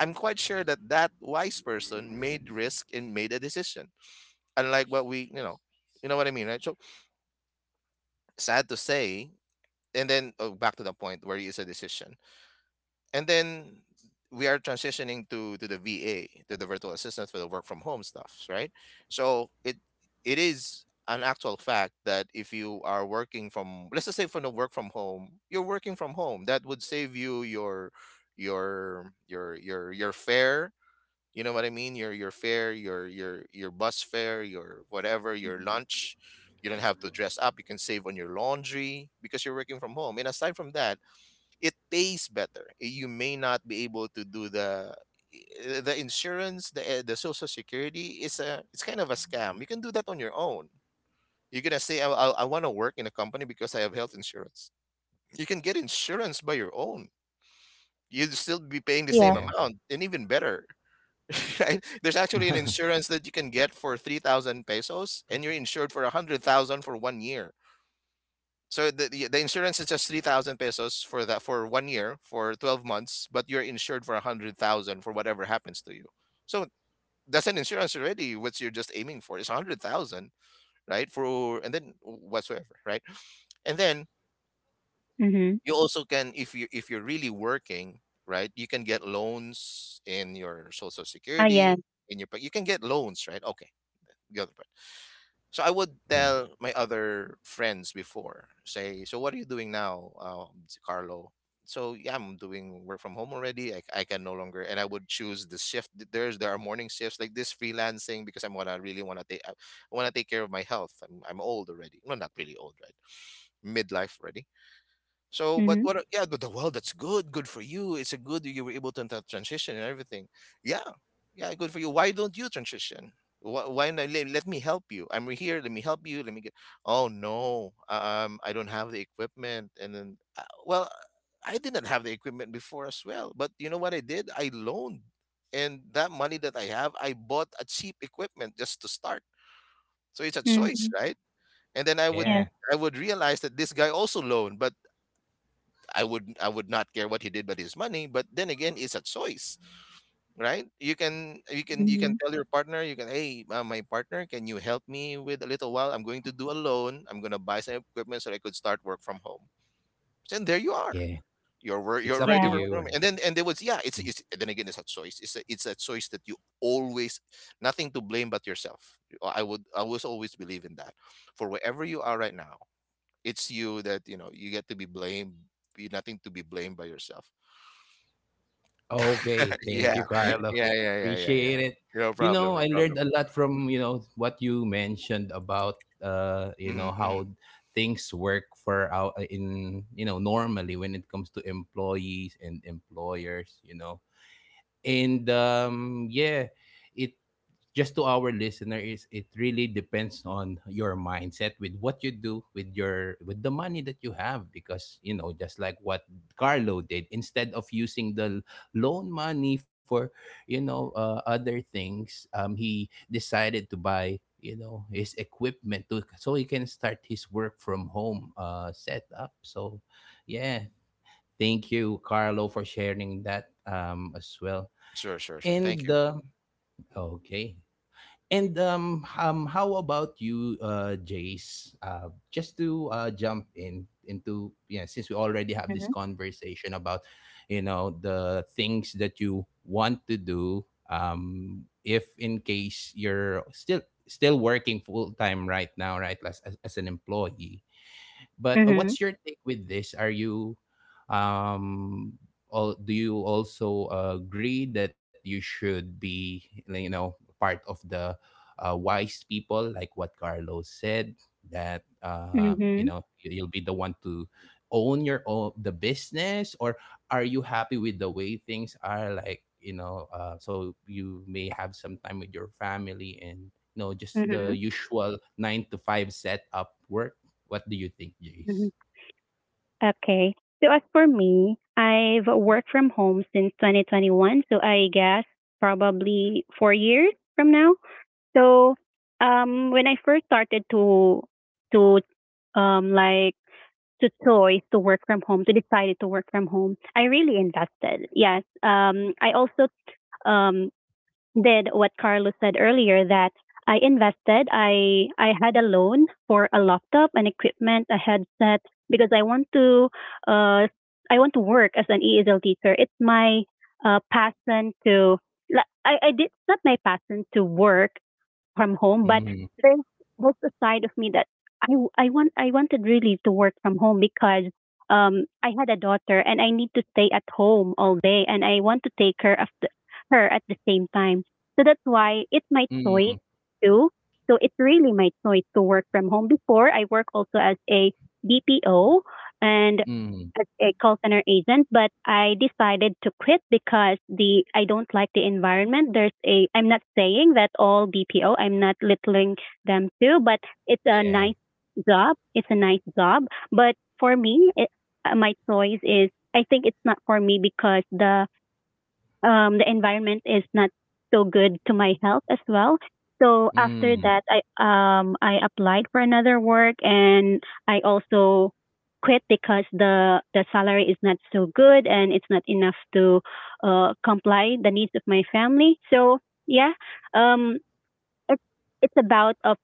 I'm quite sure that that wise person made risk and made a decision, unlike what we, you know, you know what I mean, right? So, sad to say, and then oh, back to the point where it's a decision. And then we are transitioning to the VA, to the virtual assistant, for the work from home stuff, right? So it is an actual fact that if you are working from, let's just say, from the work from home, you're working from home. That would save you your your fare. You know what I mean? Your fare, your bus fare, your whatever, your
Mm,
lunch. You don't have to dress up. You can save on your laundry because you're working from home. And aside from that, it pays better. You may not be able to do the the insurance, the social security is a it's kind of a scam. You can do that on your own. You're gonna say, I want to work in a company because I have health insurance. You can get insurance by your own. You'd still be paying the same
yes.
Yeah.
amount and even better. *laughs* Right? There's actually an
*laughs*
insurance that you can get for 3,000 pesos and you're insured for 100,000 for 1 year. So the insurance is just 3,000 pesos for that for 1 year for 12 months, but you're insured for 100,000 for whatever happens to you. So that's an insurance already. What you're just aiming for is 100,000, right? For and then whatsoever, right? And then
Mhm. Yes. Mhm.
you also can if you if you're really working, right? You can get loans in your social
Ah,
security
yes.
in your you can get loans, right? Okay, the other. So I would
Mm.
tell my other friends before, say, so what are you doing now, si Carlo? So yeah, I'm doing work from home already. I can no longer, and I would choose the shift. There's there are morning shifts like this freelancing because I'm wanna really wanna take I wanna take care of my health. I'm old already. Well, not really old, right? Midlife already. So, but
Mhm.
what? Yeah, but the well, that's good. Good for you. It's a good you were able to transition and everything. Yeah, yeah, good for you. Why don't you transition? Why not? Let me help you. I'm here. Let me help you. Let me get. Oh no, I don't have the equipment. And then, well, I did not have the equipment before as well. But you know what I did? I loaned, and that money that I have, I bought a cheap equipment just to start. So it's a choice,
Mhm.
right? And then
Yeah.
Yes.
I would realize that this guy also loaned, but I would not care what he did with his money, but then again, it's a choice, right? You can you can
Mhm.
tell your partner, you can, hey, my partner, can you help me with a little while? I'm going to do a loan. I'm gonna buy some equipment so I could start work from home. And there you are.
Yeah. It's
You're
up
ready
to
Yeah.
for
you.
home. And then and there was yeah, it's
Mm.
it's then again, it's a choice. It's a choice that you always nothing to blame but yourself. Oh, I would I was always believe in that. For wherever you are right now, it's you that you know you get to be blamed. You nothing to be blamed by yourself.
Okay, thank you,
Yeah. Yeah,
Carlo.
yeah, yeah, yeah, yeah.
Appreciate it.
No problem, no
I
problem.
learned a lot from, what you mentioned about
Hmm, hmm.
how things work for out in, normally when it comes to employees and employers. And um yeah, it just to our listener is it really depends on your mindset with what you do with your with the money that you have because just like what Carlo did instead of using the loan money for other things he decided to buy his equipment to so he can start his work from home setup so yeah. Thank you Carlo for sharing that as well
Sure, sure, sure. Thank
and
you.
okay and how about you, Jace? Just to jump in into yeah, since we already have this
Mm-hmm.
conversation about, the things that you want to do. If in case you're still working full time right now, right, as an employee, but
Mhm.
what's your take with this? Are you um all, do you also agree that you should be part of the wise people like what Carlos said that you
Mhm.
know you'll be the one to own your own the business, or are you happy with the way things are, like so you may have some time with your family, and just the
Mhm.
usual 9 to 5 setup work. What do you think, Jace?
Mhm. Okay. So as for me, I've worked from home since 2021, so I guess probably 4 years from now. So, when I first started to like to choice to work from home, to decided to work from home, I really invested. Yes. I also um did what Carlos said earlier, that I invested. I had a loan for a laptop, an equipment, a headset, because uh I want to work as an ESL teacher. It's my passion. To la- I I did it's not my passion to work from home. But
Mm,
there's there's a side of me that I wanted really to work from home, because I had a daughter, and I need to stay at home all day, and I want to take her of the, her at the same time. So that's why it's my
mm,
choice too. So it's really my choice to work from home. Before, I work also as a BPO and
mm.
as a call center agent, but I decided to quit because the I don't like the environment. There's a I'm not saying that all BPO, I'm not littling them too, but it's a
Yeah.
nice job. It's a nice job, but for me, it, my choice is I think it's not for me because the environment is not so good to my health as well. So after
Mm,
that, I applied for another work, and I also quit because the salary is not so good and it's not enough to comply the needs of my family. So, yeah. um it's it's about of,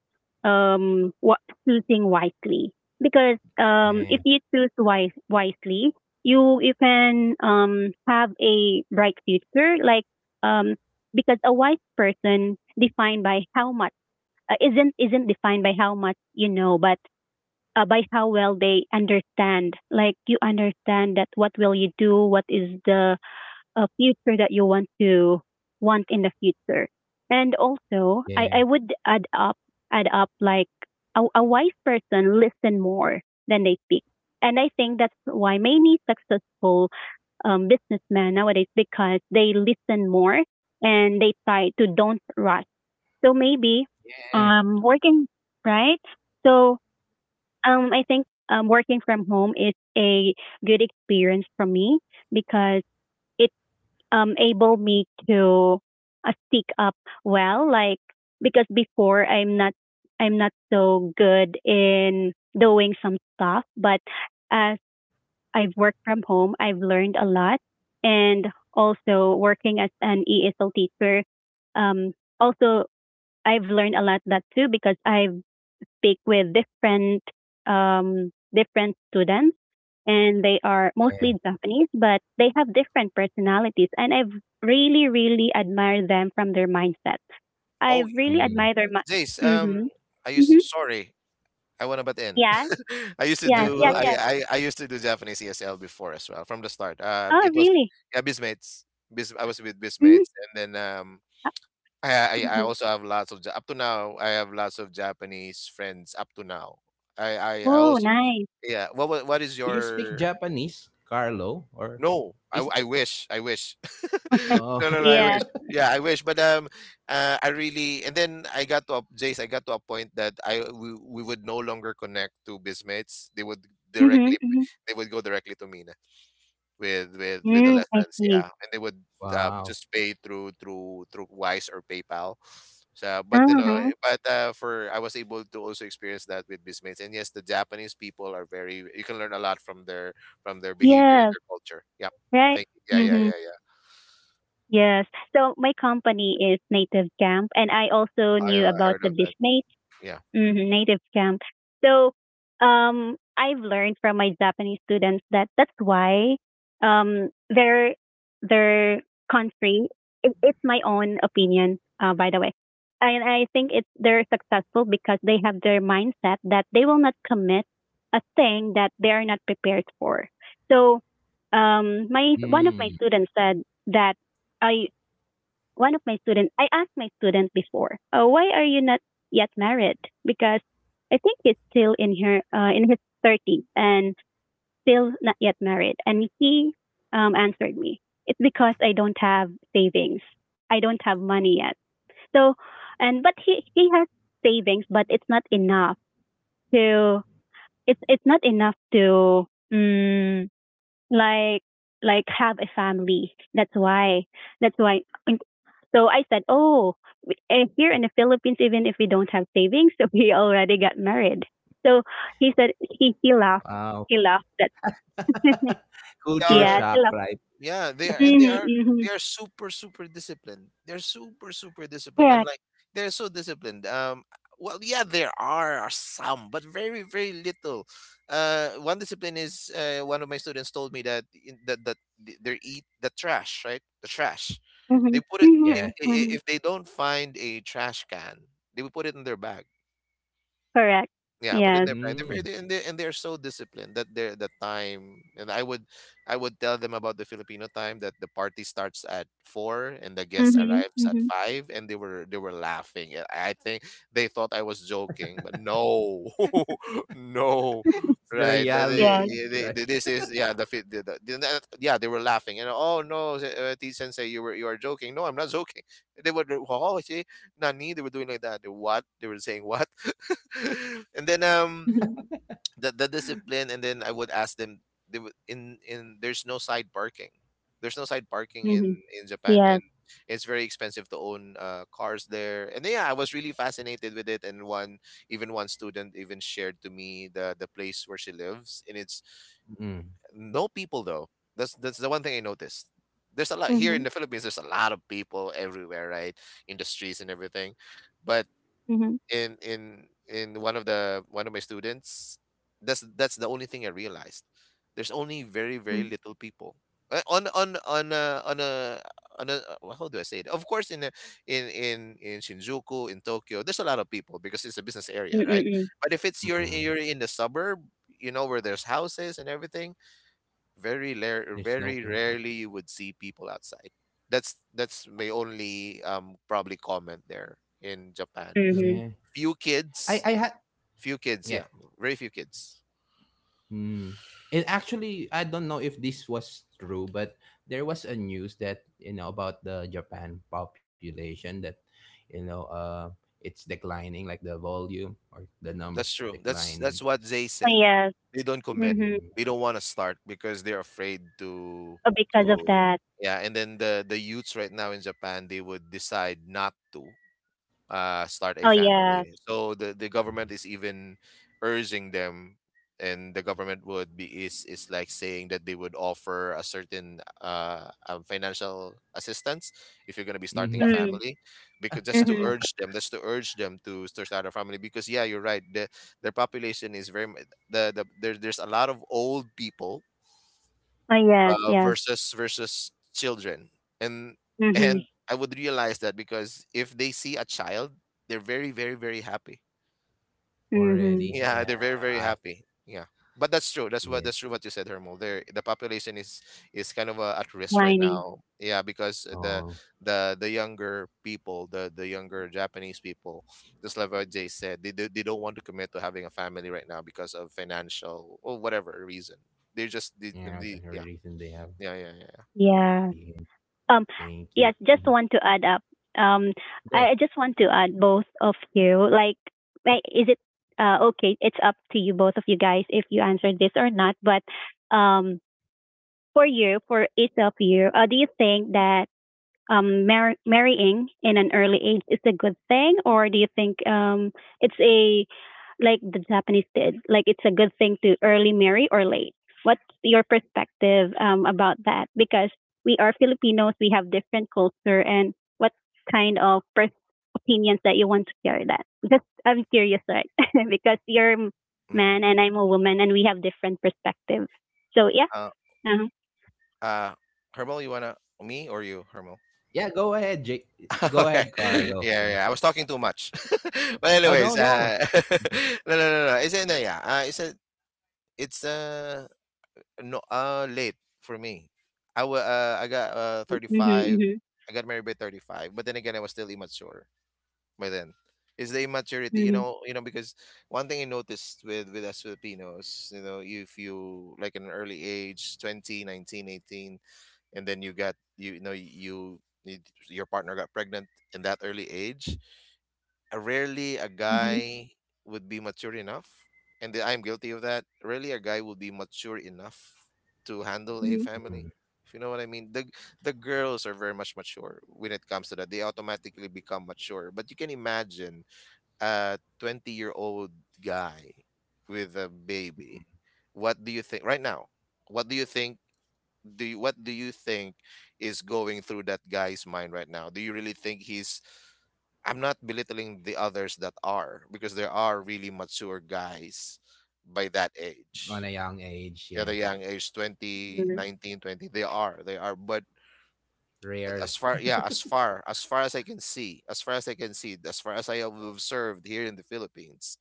what, choosing wisely, because if
yeah,
you choose wisely, you can, have a bright future, like, um because a wise person, defined by how much, isn't defined by how much you know, but by how well they understand, like, you understand that what will you do, what is the a future that you want to want in the future. And also,
yeah,
I would add up, like a wise person listen more than they speak. And I think that's why many successful businessmen nowadays, because they listen more and they try to don't rush. So maybe,
yeah,
working, right. So I think working from home is a good experience for me because it able me to speak up well, like because before I'm not so good in doing some stuff, but as I've worked from home, I've learned a lot. And also working as an ESL teacher, um also I've learned a lot that too, because I speak with different different students, and they are
yeah.
mostly Japanese, but they have different personalities. And I've really, really admired them from their mindset. I've
Oh,
really
Mm.
admired their
Jace,
mi-
I
Mm-hmm.
used to,
Mm-hmm.
sorry, I wanna about in.
Yes,
*laughs* I used to
yes,
Yeah, go
do,
yes,
ahead.
yes.
I used to do Japanese ESL before as well, from the start.
Oh,
It was,
really?
yeah, Bismates. Biz. I was with
Mm-hmm.
Bismates, and then I
hmm
also have lots of, up to now, I have lots of Japanese friends up to now. I
Oh,
also,
nice.
yeah. What is
Do you speak
your
Japanese, Carlo? Or
No,
is
I wish, I wish. *laughs*
*laughs*
no,
oh
no, no,
*laughs*
I wish.
Yes.
Yeah, I wish. But I really and then I got to a, Jace. I got to a point that I we would no longer connect to Bismates. They would
Mm-hmm.
directly,
Mm-hmm.
they would go directly to Mina with with the
Mm, I
lessons,
see.
yeah, and they would
wow.
just pay through through Wise or PayPal. So but you know
Uh-huh.
eh, but for I was able to also experience that with Businessmates, and yes, the Japanese people are very you can learn a lot from their behavior and
Yes,
their culture. Yeah,
right.
thank you. Yeah, yeah,
Mm-hmm.
yeah, yeah.
Yes. So my company is Native Camp, and I also
I
knew about
heard
the
of that,
Bismate.
yeah.
Mhm, Native Camp. So, I've learned from my Japanese students that that's why um, their their country. It's my own opinion, by the way, and I think it's they're successful because they have their mindset that they will not commit a thing that they are not prepared for. So, my one of my
Mm,
students said that I one of my students, I asked my student before, why are you not yet married? Because I think he's still in her in his 30s and still not yet married. And he answered me, it's because I don't have savings. I don't have money yet. So, and but he has savings, but it's not enough to it's not enough to um, like like have a family. That's why in so I said, oh, here in the Philippines, even if we don't have savings, *laughs* we already got married. So he said, he laughed.
wow.
He laughed at, *laughs*
*laughs*
They
Culture
yeah,
are.
he
shock,
laughed.
right?
Yeah, they are, and
hmm
they
hmm
are super super disciplined. They're super super disciplined, and
Correct.
like they're so disciplined. Well, yeah, there are some, but very very little. One discipline is one of my students told me that in, that that they eat the trash, right? The trash. They
hmm
put it
Yeah.
if,
hmm hmm
if they don't find a trash can, they will put it in their bag.
Correct.
Yeah, I put it in
Yes.
their bag. They're
Mm.
very, and they and they're so disciplined that they're the time. And I would tell them about the Filipino time that the party starts at four and the guest
hmm
arrives at
hmm
five, and they were laughing. I think they thought I was joking, but no, *laughs* no,
*laughs*
It's the
right? that They,
Yes.
reality, right?
they- this is yeah the, the yeah they were laughing and oh no, T Sensei, you are joking. No, I'm not joking. They were oh see, Nani, they were doing like that. What they were saying what? *laughs* and then
hmm
the discipline and then I would ask them they would in there's no side parking
hmm
in Japan,
Yes.
and it's very expensive to own cars there, and yeah, I was really fascinated with it. And one even one student even shared to me the place where she lives, and it's
Mm,
no people though. That's the one thing I noticed. There's a lot here
hmm
in the Philippines, there's a lot of people everywhere, right? In the streets and everything, but
hmm
in one of the one of my students, that's the only thing I realized. There's only very very little people. On on a well, how do I say it, of course, in a, in in Shinjuku in Tokyo, there's a lot of people because it's a business area, right?
Mm-hmm.
But if it's
mm.
you're in the suburb, you know, where there's houses and everything, very rare
There's no
very
pain.
rarely you would see people outside. That's my only probably comment there in Japan.
Yeah.
hmm
Few
I I
kids,
had
few kids,
yeah.
yeah, very few kids.
Mm. It actually, I don't know if this was true, but there was a news that about the Japan population that you know uh it's declining, like the volume or the
Yeah, that's
numbers is
true.
declining
That's what
because
they
Oh,
said.
yes.
They don't commit.
hmm
mm,
They don't want to start because they're afraid
Oh, because of
to
that.
yeah, and then the youths right now in Japan, they would decide not to start a
Oh, yes.
family. So the government is even urging them, and the government would be is like saying that they would offer a certain financial assistance if you're gonna be starting a
mhm,
Mm-hmm.
family, because just to
Mm-hmm.
urge them, just to urge them to start a family. Because yeah, you're right. The their population is very the there, there's a lot of old people
Oh, yes. Yes.
versus children. And *laughs*
hmm
and I would realize that because if they see a child, they're very very very happy,
hmm
already,
yeah,
yeah,
they're very very
I
happy, yeah. But that's true, that's what
yeah,
that's true what you said, Hermo, there the population is kind of at risk right
lining.
now, yeah, because
oh
the younger people the younger Japanese people, just like what Jay said, they don't want to commit to having a family right now because of financial or whatever reason they're just the,
yeah,
the
the
yeah,
reason they have.
yeah, yeah, yeah,
Yeah.
Yeah,
Um,
thank
yeah,
you.
just
Mhm.
want to add up. Um,
Go,
I just want to add both of you. Is it okay? It's up to you, both of you guys, if you answer this or not. But um, for you, for each of you, do you think that marrying in an early age is a good thing, or do you think it's a like the Japanese did, like it's a good thing to early marry or late? What's your perspective about that? Because we are Filipinos, we have different culture, and what kind of opinions that you want to share that? Just I'm curious, right? *laughs* Because you're a
yeah. Mm-hmm.
man and I'm a woman, and we have different perspectives. So yeah.
Uh,
Uh-huh.
uh, Hermel, you wanna me or you, Hermel?
yeah, go ahead, Jake.
*laughs*
Go
okay.
ahead,
*laughs*
Carlo. Yeah.
Yeah, yeah. I was talking too much. *laughs* but
Oh
anyways,
no, no.
*laughs* No, no. It's in yeah. It's a, it's no, late for me. I got
Mm-hmm,
35.
mm-hmm,
I got married by 35, but then again, I was still immature by then is the immaturity,
mm-hmm,
you
mm-hmm,
know, you know, because one thing I noticed with us Filipinos, you know, if you like in an early age 20, 19, 18, and then you got you, you know, your partner got pregnant in that early age, rarely a
mm-hmm.
guy would be mature enough, and I'm guilty of that. Rarely a guy would be mature enough to handle a family.
Mhm.
If you know what I mean, the girls are very much mature when it comes to that. They automatically become mature. But you can imagine a 20-year-old guy with a baby. What do you think right now? What do you think? What do you think is going through that guy's mind right now? Do you really think he's I'm not belittling the others that are because there are really mature guys by that age.
On a young age,
At the
yeah.
young age twenty
Mm-hmm.
nineteen 20 they are, they are. But
Rare.
as far as I can see, as far as I have observed here in the Philippines,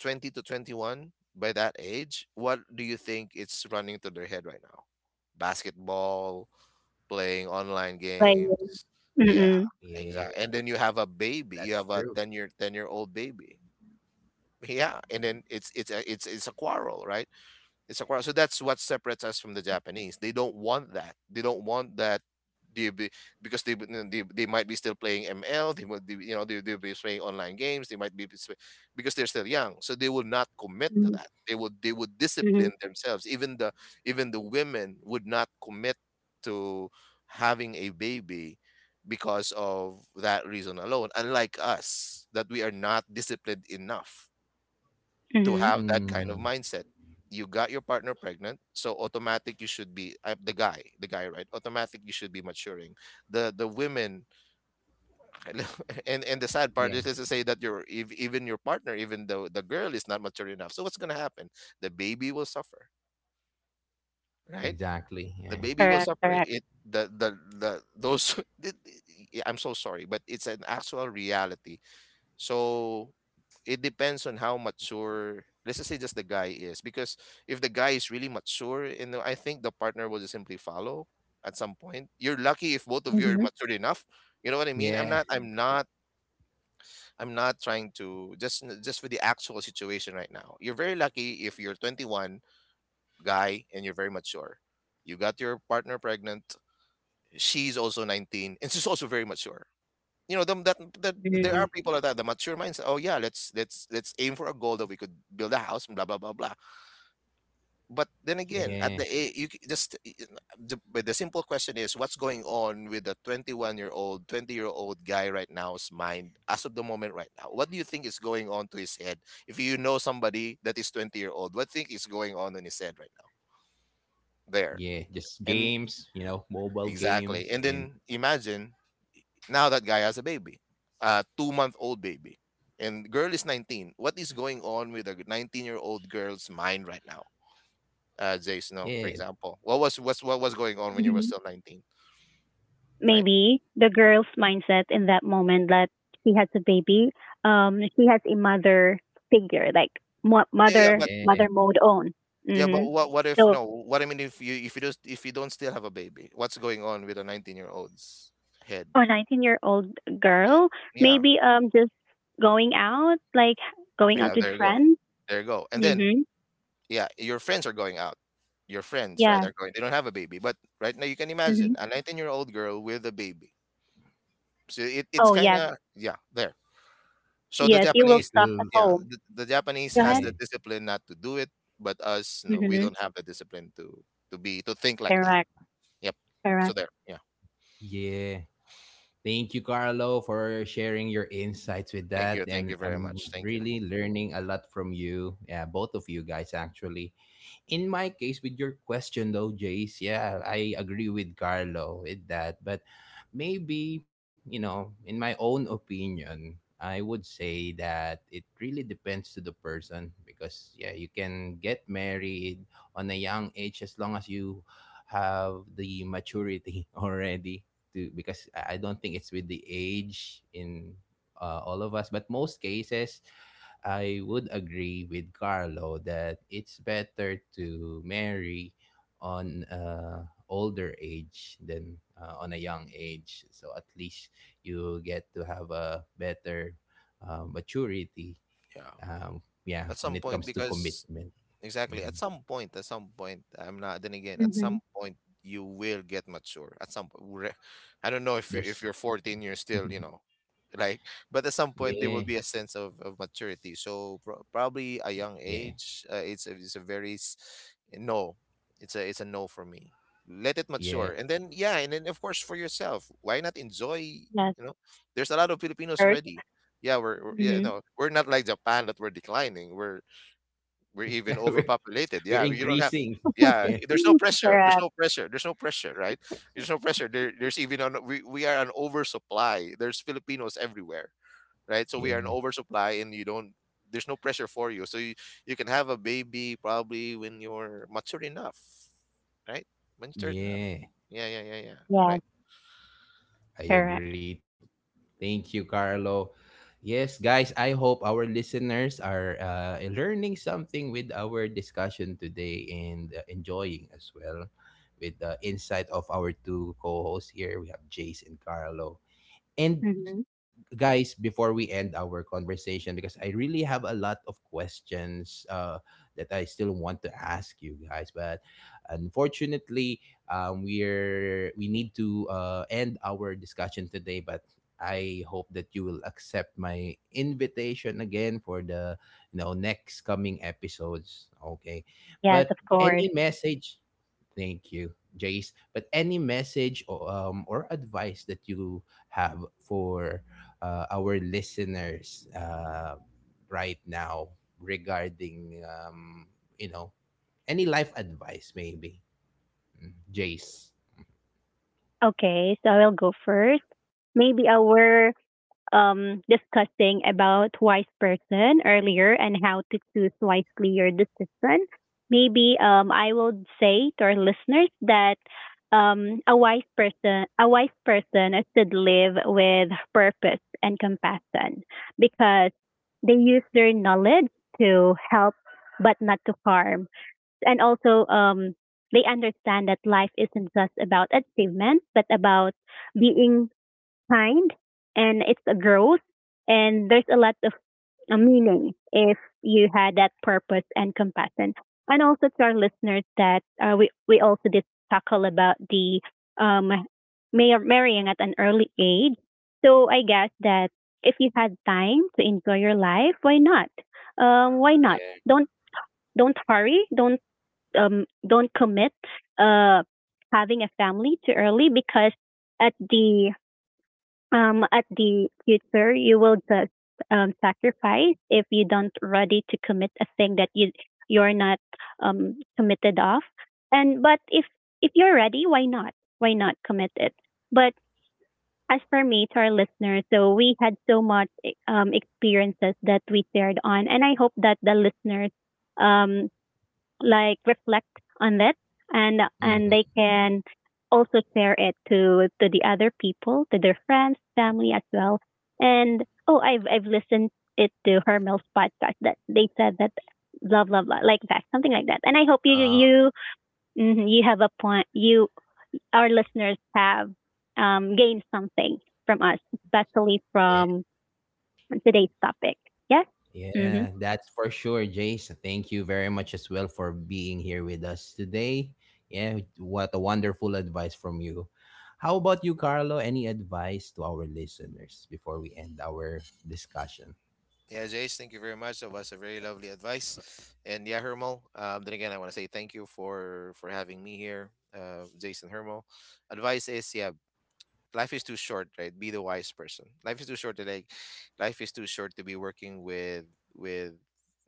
20 to 21, by that age, what do you think it's running to their head right now? Basketball, playing online
Playing.
games. Yeah,
Mm.
Yeah,
exactly. And then you have a
that's true.
baby. You have a 10 year old baby. Yeah, and then it's a quarrel, right? It's a cross. So that's what separates us from the Japanese. They don't want that. They don't want that. They, be- because they might be still playing ML. They would, you know, they'll be playing online games. They might be because they're still young. So they will not commit to
Mm.
that. They would
Mhm.
discipline themselves. Even the women would not commit to having a baby because of that reason alone. Unlike us, that we are not disciplined enough to
Mhm.
have that kind of
Mm,
mindset. You got your partner pregnant, so automatic you should be the guy, right? Automatic you should be maturing. The women, *laughs* and the sad part
yeah,
is, let's just say that even your partner, even though the girl is not mature enough. So what's gonna happen? The baby will suffer, right?
exactly.
The
Yeah,
baby will
Correct,
suffer.
correct.
It the those. *laughs* I'm so sorry, but it's an actual reality. So it depends on how mature, let's just say, just the guy is, because if the guy is really mature, you know, I think the partner will just simply follow at some point. You're lucky if both of you are
Mhm.
matured enough. You know what I mean? I'm
yeah,
not I'm not I'm not trying to just for the actual situation right now. You're very lucky if you're 21, guy, and you're very mature. You got your partner pregnant. She's also 19 and she's also very mature, you know, that
yeah,
there are
Mhm.
people that have the mature mindset. Oh yeah, let's aim for a goal that we could build a house, and blah blah blah blah. But then again, at
yeah,
the a- you c- just y- n- the, but the simple question is, what's going on with the 21-year old, 20-year-old guy right now's mind as of the moment right now? What do you think is going on to his head? If you know somebody that is 20-year-old, what think is going on in his head right now? There
yeah. Just
and
games, you know, mobile
exactly,
games,
and
and
then imagine now that guy has a baby, a two-month-old baby, and girl is 19. What is going on with a 19-year-old girl's mind right now? Jace, no, for
yeah,
example, what what was going on when you were
Mhm.
still 19, right?
Maybe the girl's mindset in that moment that she has a baby, she has a mother figure, like
Yeah, yeah, but
yeah,
mother mode on.
yeah, but
Mhm.
what if
So
no? What I mean, if you don't still have a baby, what's going on with a 19-year-old's head?
for a 19-year-old year old
Eh,
girl,
Yeah,
maybe just going out, like going out
yeah,
with friends.
there you go, and then
Mhm.
yeah, your friends are going out. Your friends, right,
Yeah.
are going. They don't have a baby, but right now you can imagine
Mhm.
a 19-year-old girl with a baby. So it's
Oh
kind
yes,
of, yeah, there. So the
yes. You will
it
Japanese,
stuck at
will,
yeah,
home.
the Japanese
Go
has
ahead.
yeah,
the discipline not to do it, but us, you know, we
Mhm.
don't have the discipline to be to think like that.
Correct.
Yep. So
Correct.
there. Yeah.
yeah. Thank you, Carlo, for sharing your insights with
Thank
that.
you. Thank you
And
very
I'm
much. Thank you.
really learning a lot from you, yeah, both of you guys, actually. In my case, with your question though, Jace, yeah, I agree with Carlo with that. But maybe, you know, in my own opinion, I would say that it really depends to the person because yeah, you can get married on a young age as long as you have the maturity *laughs* already to because I don't think it's with the age in all of us, but most cases I would agree with Carlo that it's better to marry on older age than on a young age. So at least you get to have a better maturity.
Yeah.
Yeah,
At
when
some
it
point,
comes to
because
commitment,
exactly.
mhm.
I'm not. Then again, at some
Mhm.
point, you will get mature. At some point, re- I don't know if you if you're
There's *laughs*
14, you're still, you know, like. But at some
yeah,
point, there will be a sense of maturity. So probably a young
yeah,
age. It's a very no. It's a no for me. Let it
yeah.
mature, and then yeah, and then of course for yourself, why not enjoy?
Yes,
You know, there's a lot of Filipinos
first.
already. Yeah, we're yeah
Mhm.
no, we're not like Japan that we're declining. We're even
*laughs* we're,
overpopulated. Yeah,
we're
you don't have.
increasing.
Yeah,
Yeah,
there's no
Mm,
pressure. There's
correct.
no pressure. There's no pressure, right? There's no pressure. There, there's even an, we are an oversupply. There's Filipinos everywhere, right? So we are an
yeah,
oversupply, and you don't. There's no pressure for you, so you can have a baby probably when you're mature enough, right? Mature enough.
yeah.
Yeah.
Yes,
Right.
I
correct.
agree. Thank you, Carlo. Yes, guys, I hope our listeners are learning something with our discussion today and enjoying as well with the insight of our two co hosts here. We have Jace and Carlo. And
Mhm.
guys, before we end our conversation, because I really have a lot of questions that I still want to ask you guys, but unfortunately, we're we need to end our discussion today. But I hope that you will accept my invitation again for the next coming episodes. Okay,
Yes, of
but
course.
any message? Thank you, Jace. But any message or advice that you have for our listeners right now regarding, you know, any life advice, maybe, mm, Jace?
Okay, so I will go first. Maybe our discussing about wise person earlier and how to choose wisely your decision. Maybe I would say to our listeners that a wise person should live with purpose and compassion because they use their knowledge to help but not to harm. And also, they understand that life isn't just about achievements, but about being kind, and it's a growth, and there's a lot of meaning if you had that purpose and compassion. And also to our listeners that we also did tackle about the um marrying at an early age. So I guess that if you had time to enjoy your life, why not? Why not?
Yeah.
Don't don't hurry. Don't commit uh having a family too early, because at the at the future, you will just sacrifice if you don't ready to commit a thing that you you're not committed of. And but if you're ready, why not? Why not commit it? But as for me, to our listeners, so we had so much experiences that we shared on, and I hope that the listeners um, like reflect on that, and they
Hmm.
can also share it to the other people, to their friends, family as well. And oh, I've listened it to Hermel's podcast that they said that blah blah blah like that, something like that. And I hope you
Uh,
you mhm, you have a point. You Our listeners have gained something from us, especially
yeah.
from today's topic. Yes. Mhm.
Yeah, that's for sure, Jace. Thank you very much as well for being here with us today. Yeah, what a wonderful advice from you. How about you, Carlo? Any advice to our listeners before we end our discussion?
Yeah, Jace, thank you very much. That was a very lovely advice. And yeah, Hermal, then again, I want to say thank you for having me here, Jason Hermal. Advice is, yeah, life is too short, right? Be the wise person. Life is too short to like, life is too short to be working with,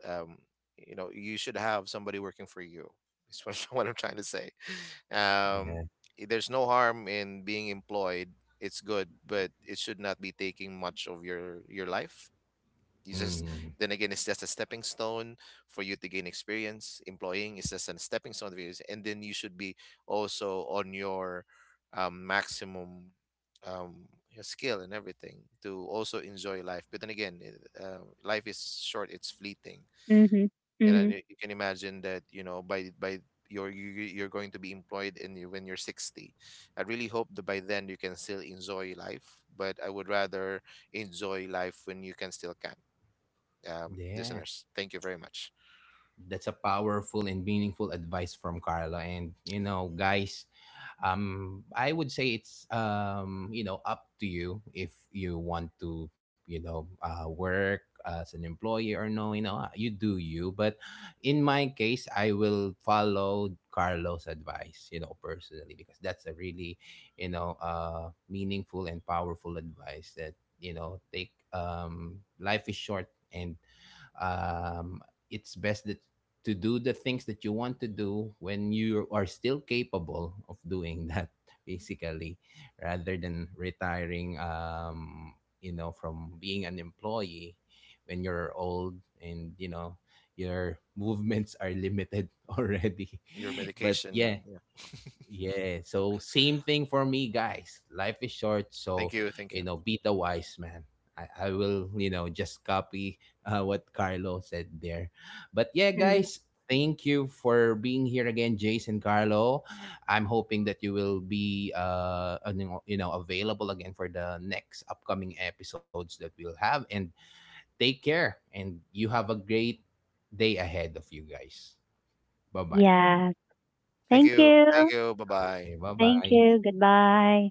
um, you know, you should have somebody working for you. Is what, *laughs* what I'm trying to say. Um,
Yeah.
there's no harm in being employed. It's good, but it should not be taking much of your life. You just
Mm,
Then again, it's just a stepping stone for you to gain experience. Employing is just a stepping stone for you, and then you should be also on your maximum, your skill and everything, to also enjoy life. But then again, life is short; it's fleeting.
Mhm.
You know,
Mhm.
you can imagine that, you know, by you're you're going to be employed in you when you're 60. I really hope that by then you can still enjoy life, but I would rather enjoy life when you can still can.
yeah.
Listeners, thank you very much.
That's a powerful and meaningful advice from Carlo. And you know, guys, I would say it's you know, up to you if you want to, you know, work as an employee or no. You know, you do you. But in my case, I will follow Carlos' advice. You know, personally, because that's a really, you know, meaningful and powerful advice that you know, take life is short and um, it's best that to do the things that you want to do when you are still capable of doing that *laughs* basically rather than retiring you know from being an employee when you're old and you know your *laughs* movements are limited *laughs* already
Your
but yeah.
medication. Yeah.
Yeah, so same thing for me, guys. Life is short,
Thank
so
you. Thank you.
you know, be the wise man. I will, you know, just copy what Carlo said there. But yeah,
Mhm.
guys, thank you for being here again, Jason Carlo. I'm hoping that you will be, you know, available again for the next upcoming episodes that we'll have. And take care, and you have a great day ahead of you guys. Bye bye.
Yeah.
Thank
Thank
you.
you.
Thank you. Bye bye.
Okay, bye
Thank
bye.
you. Goodbye.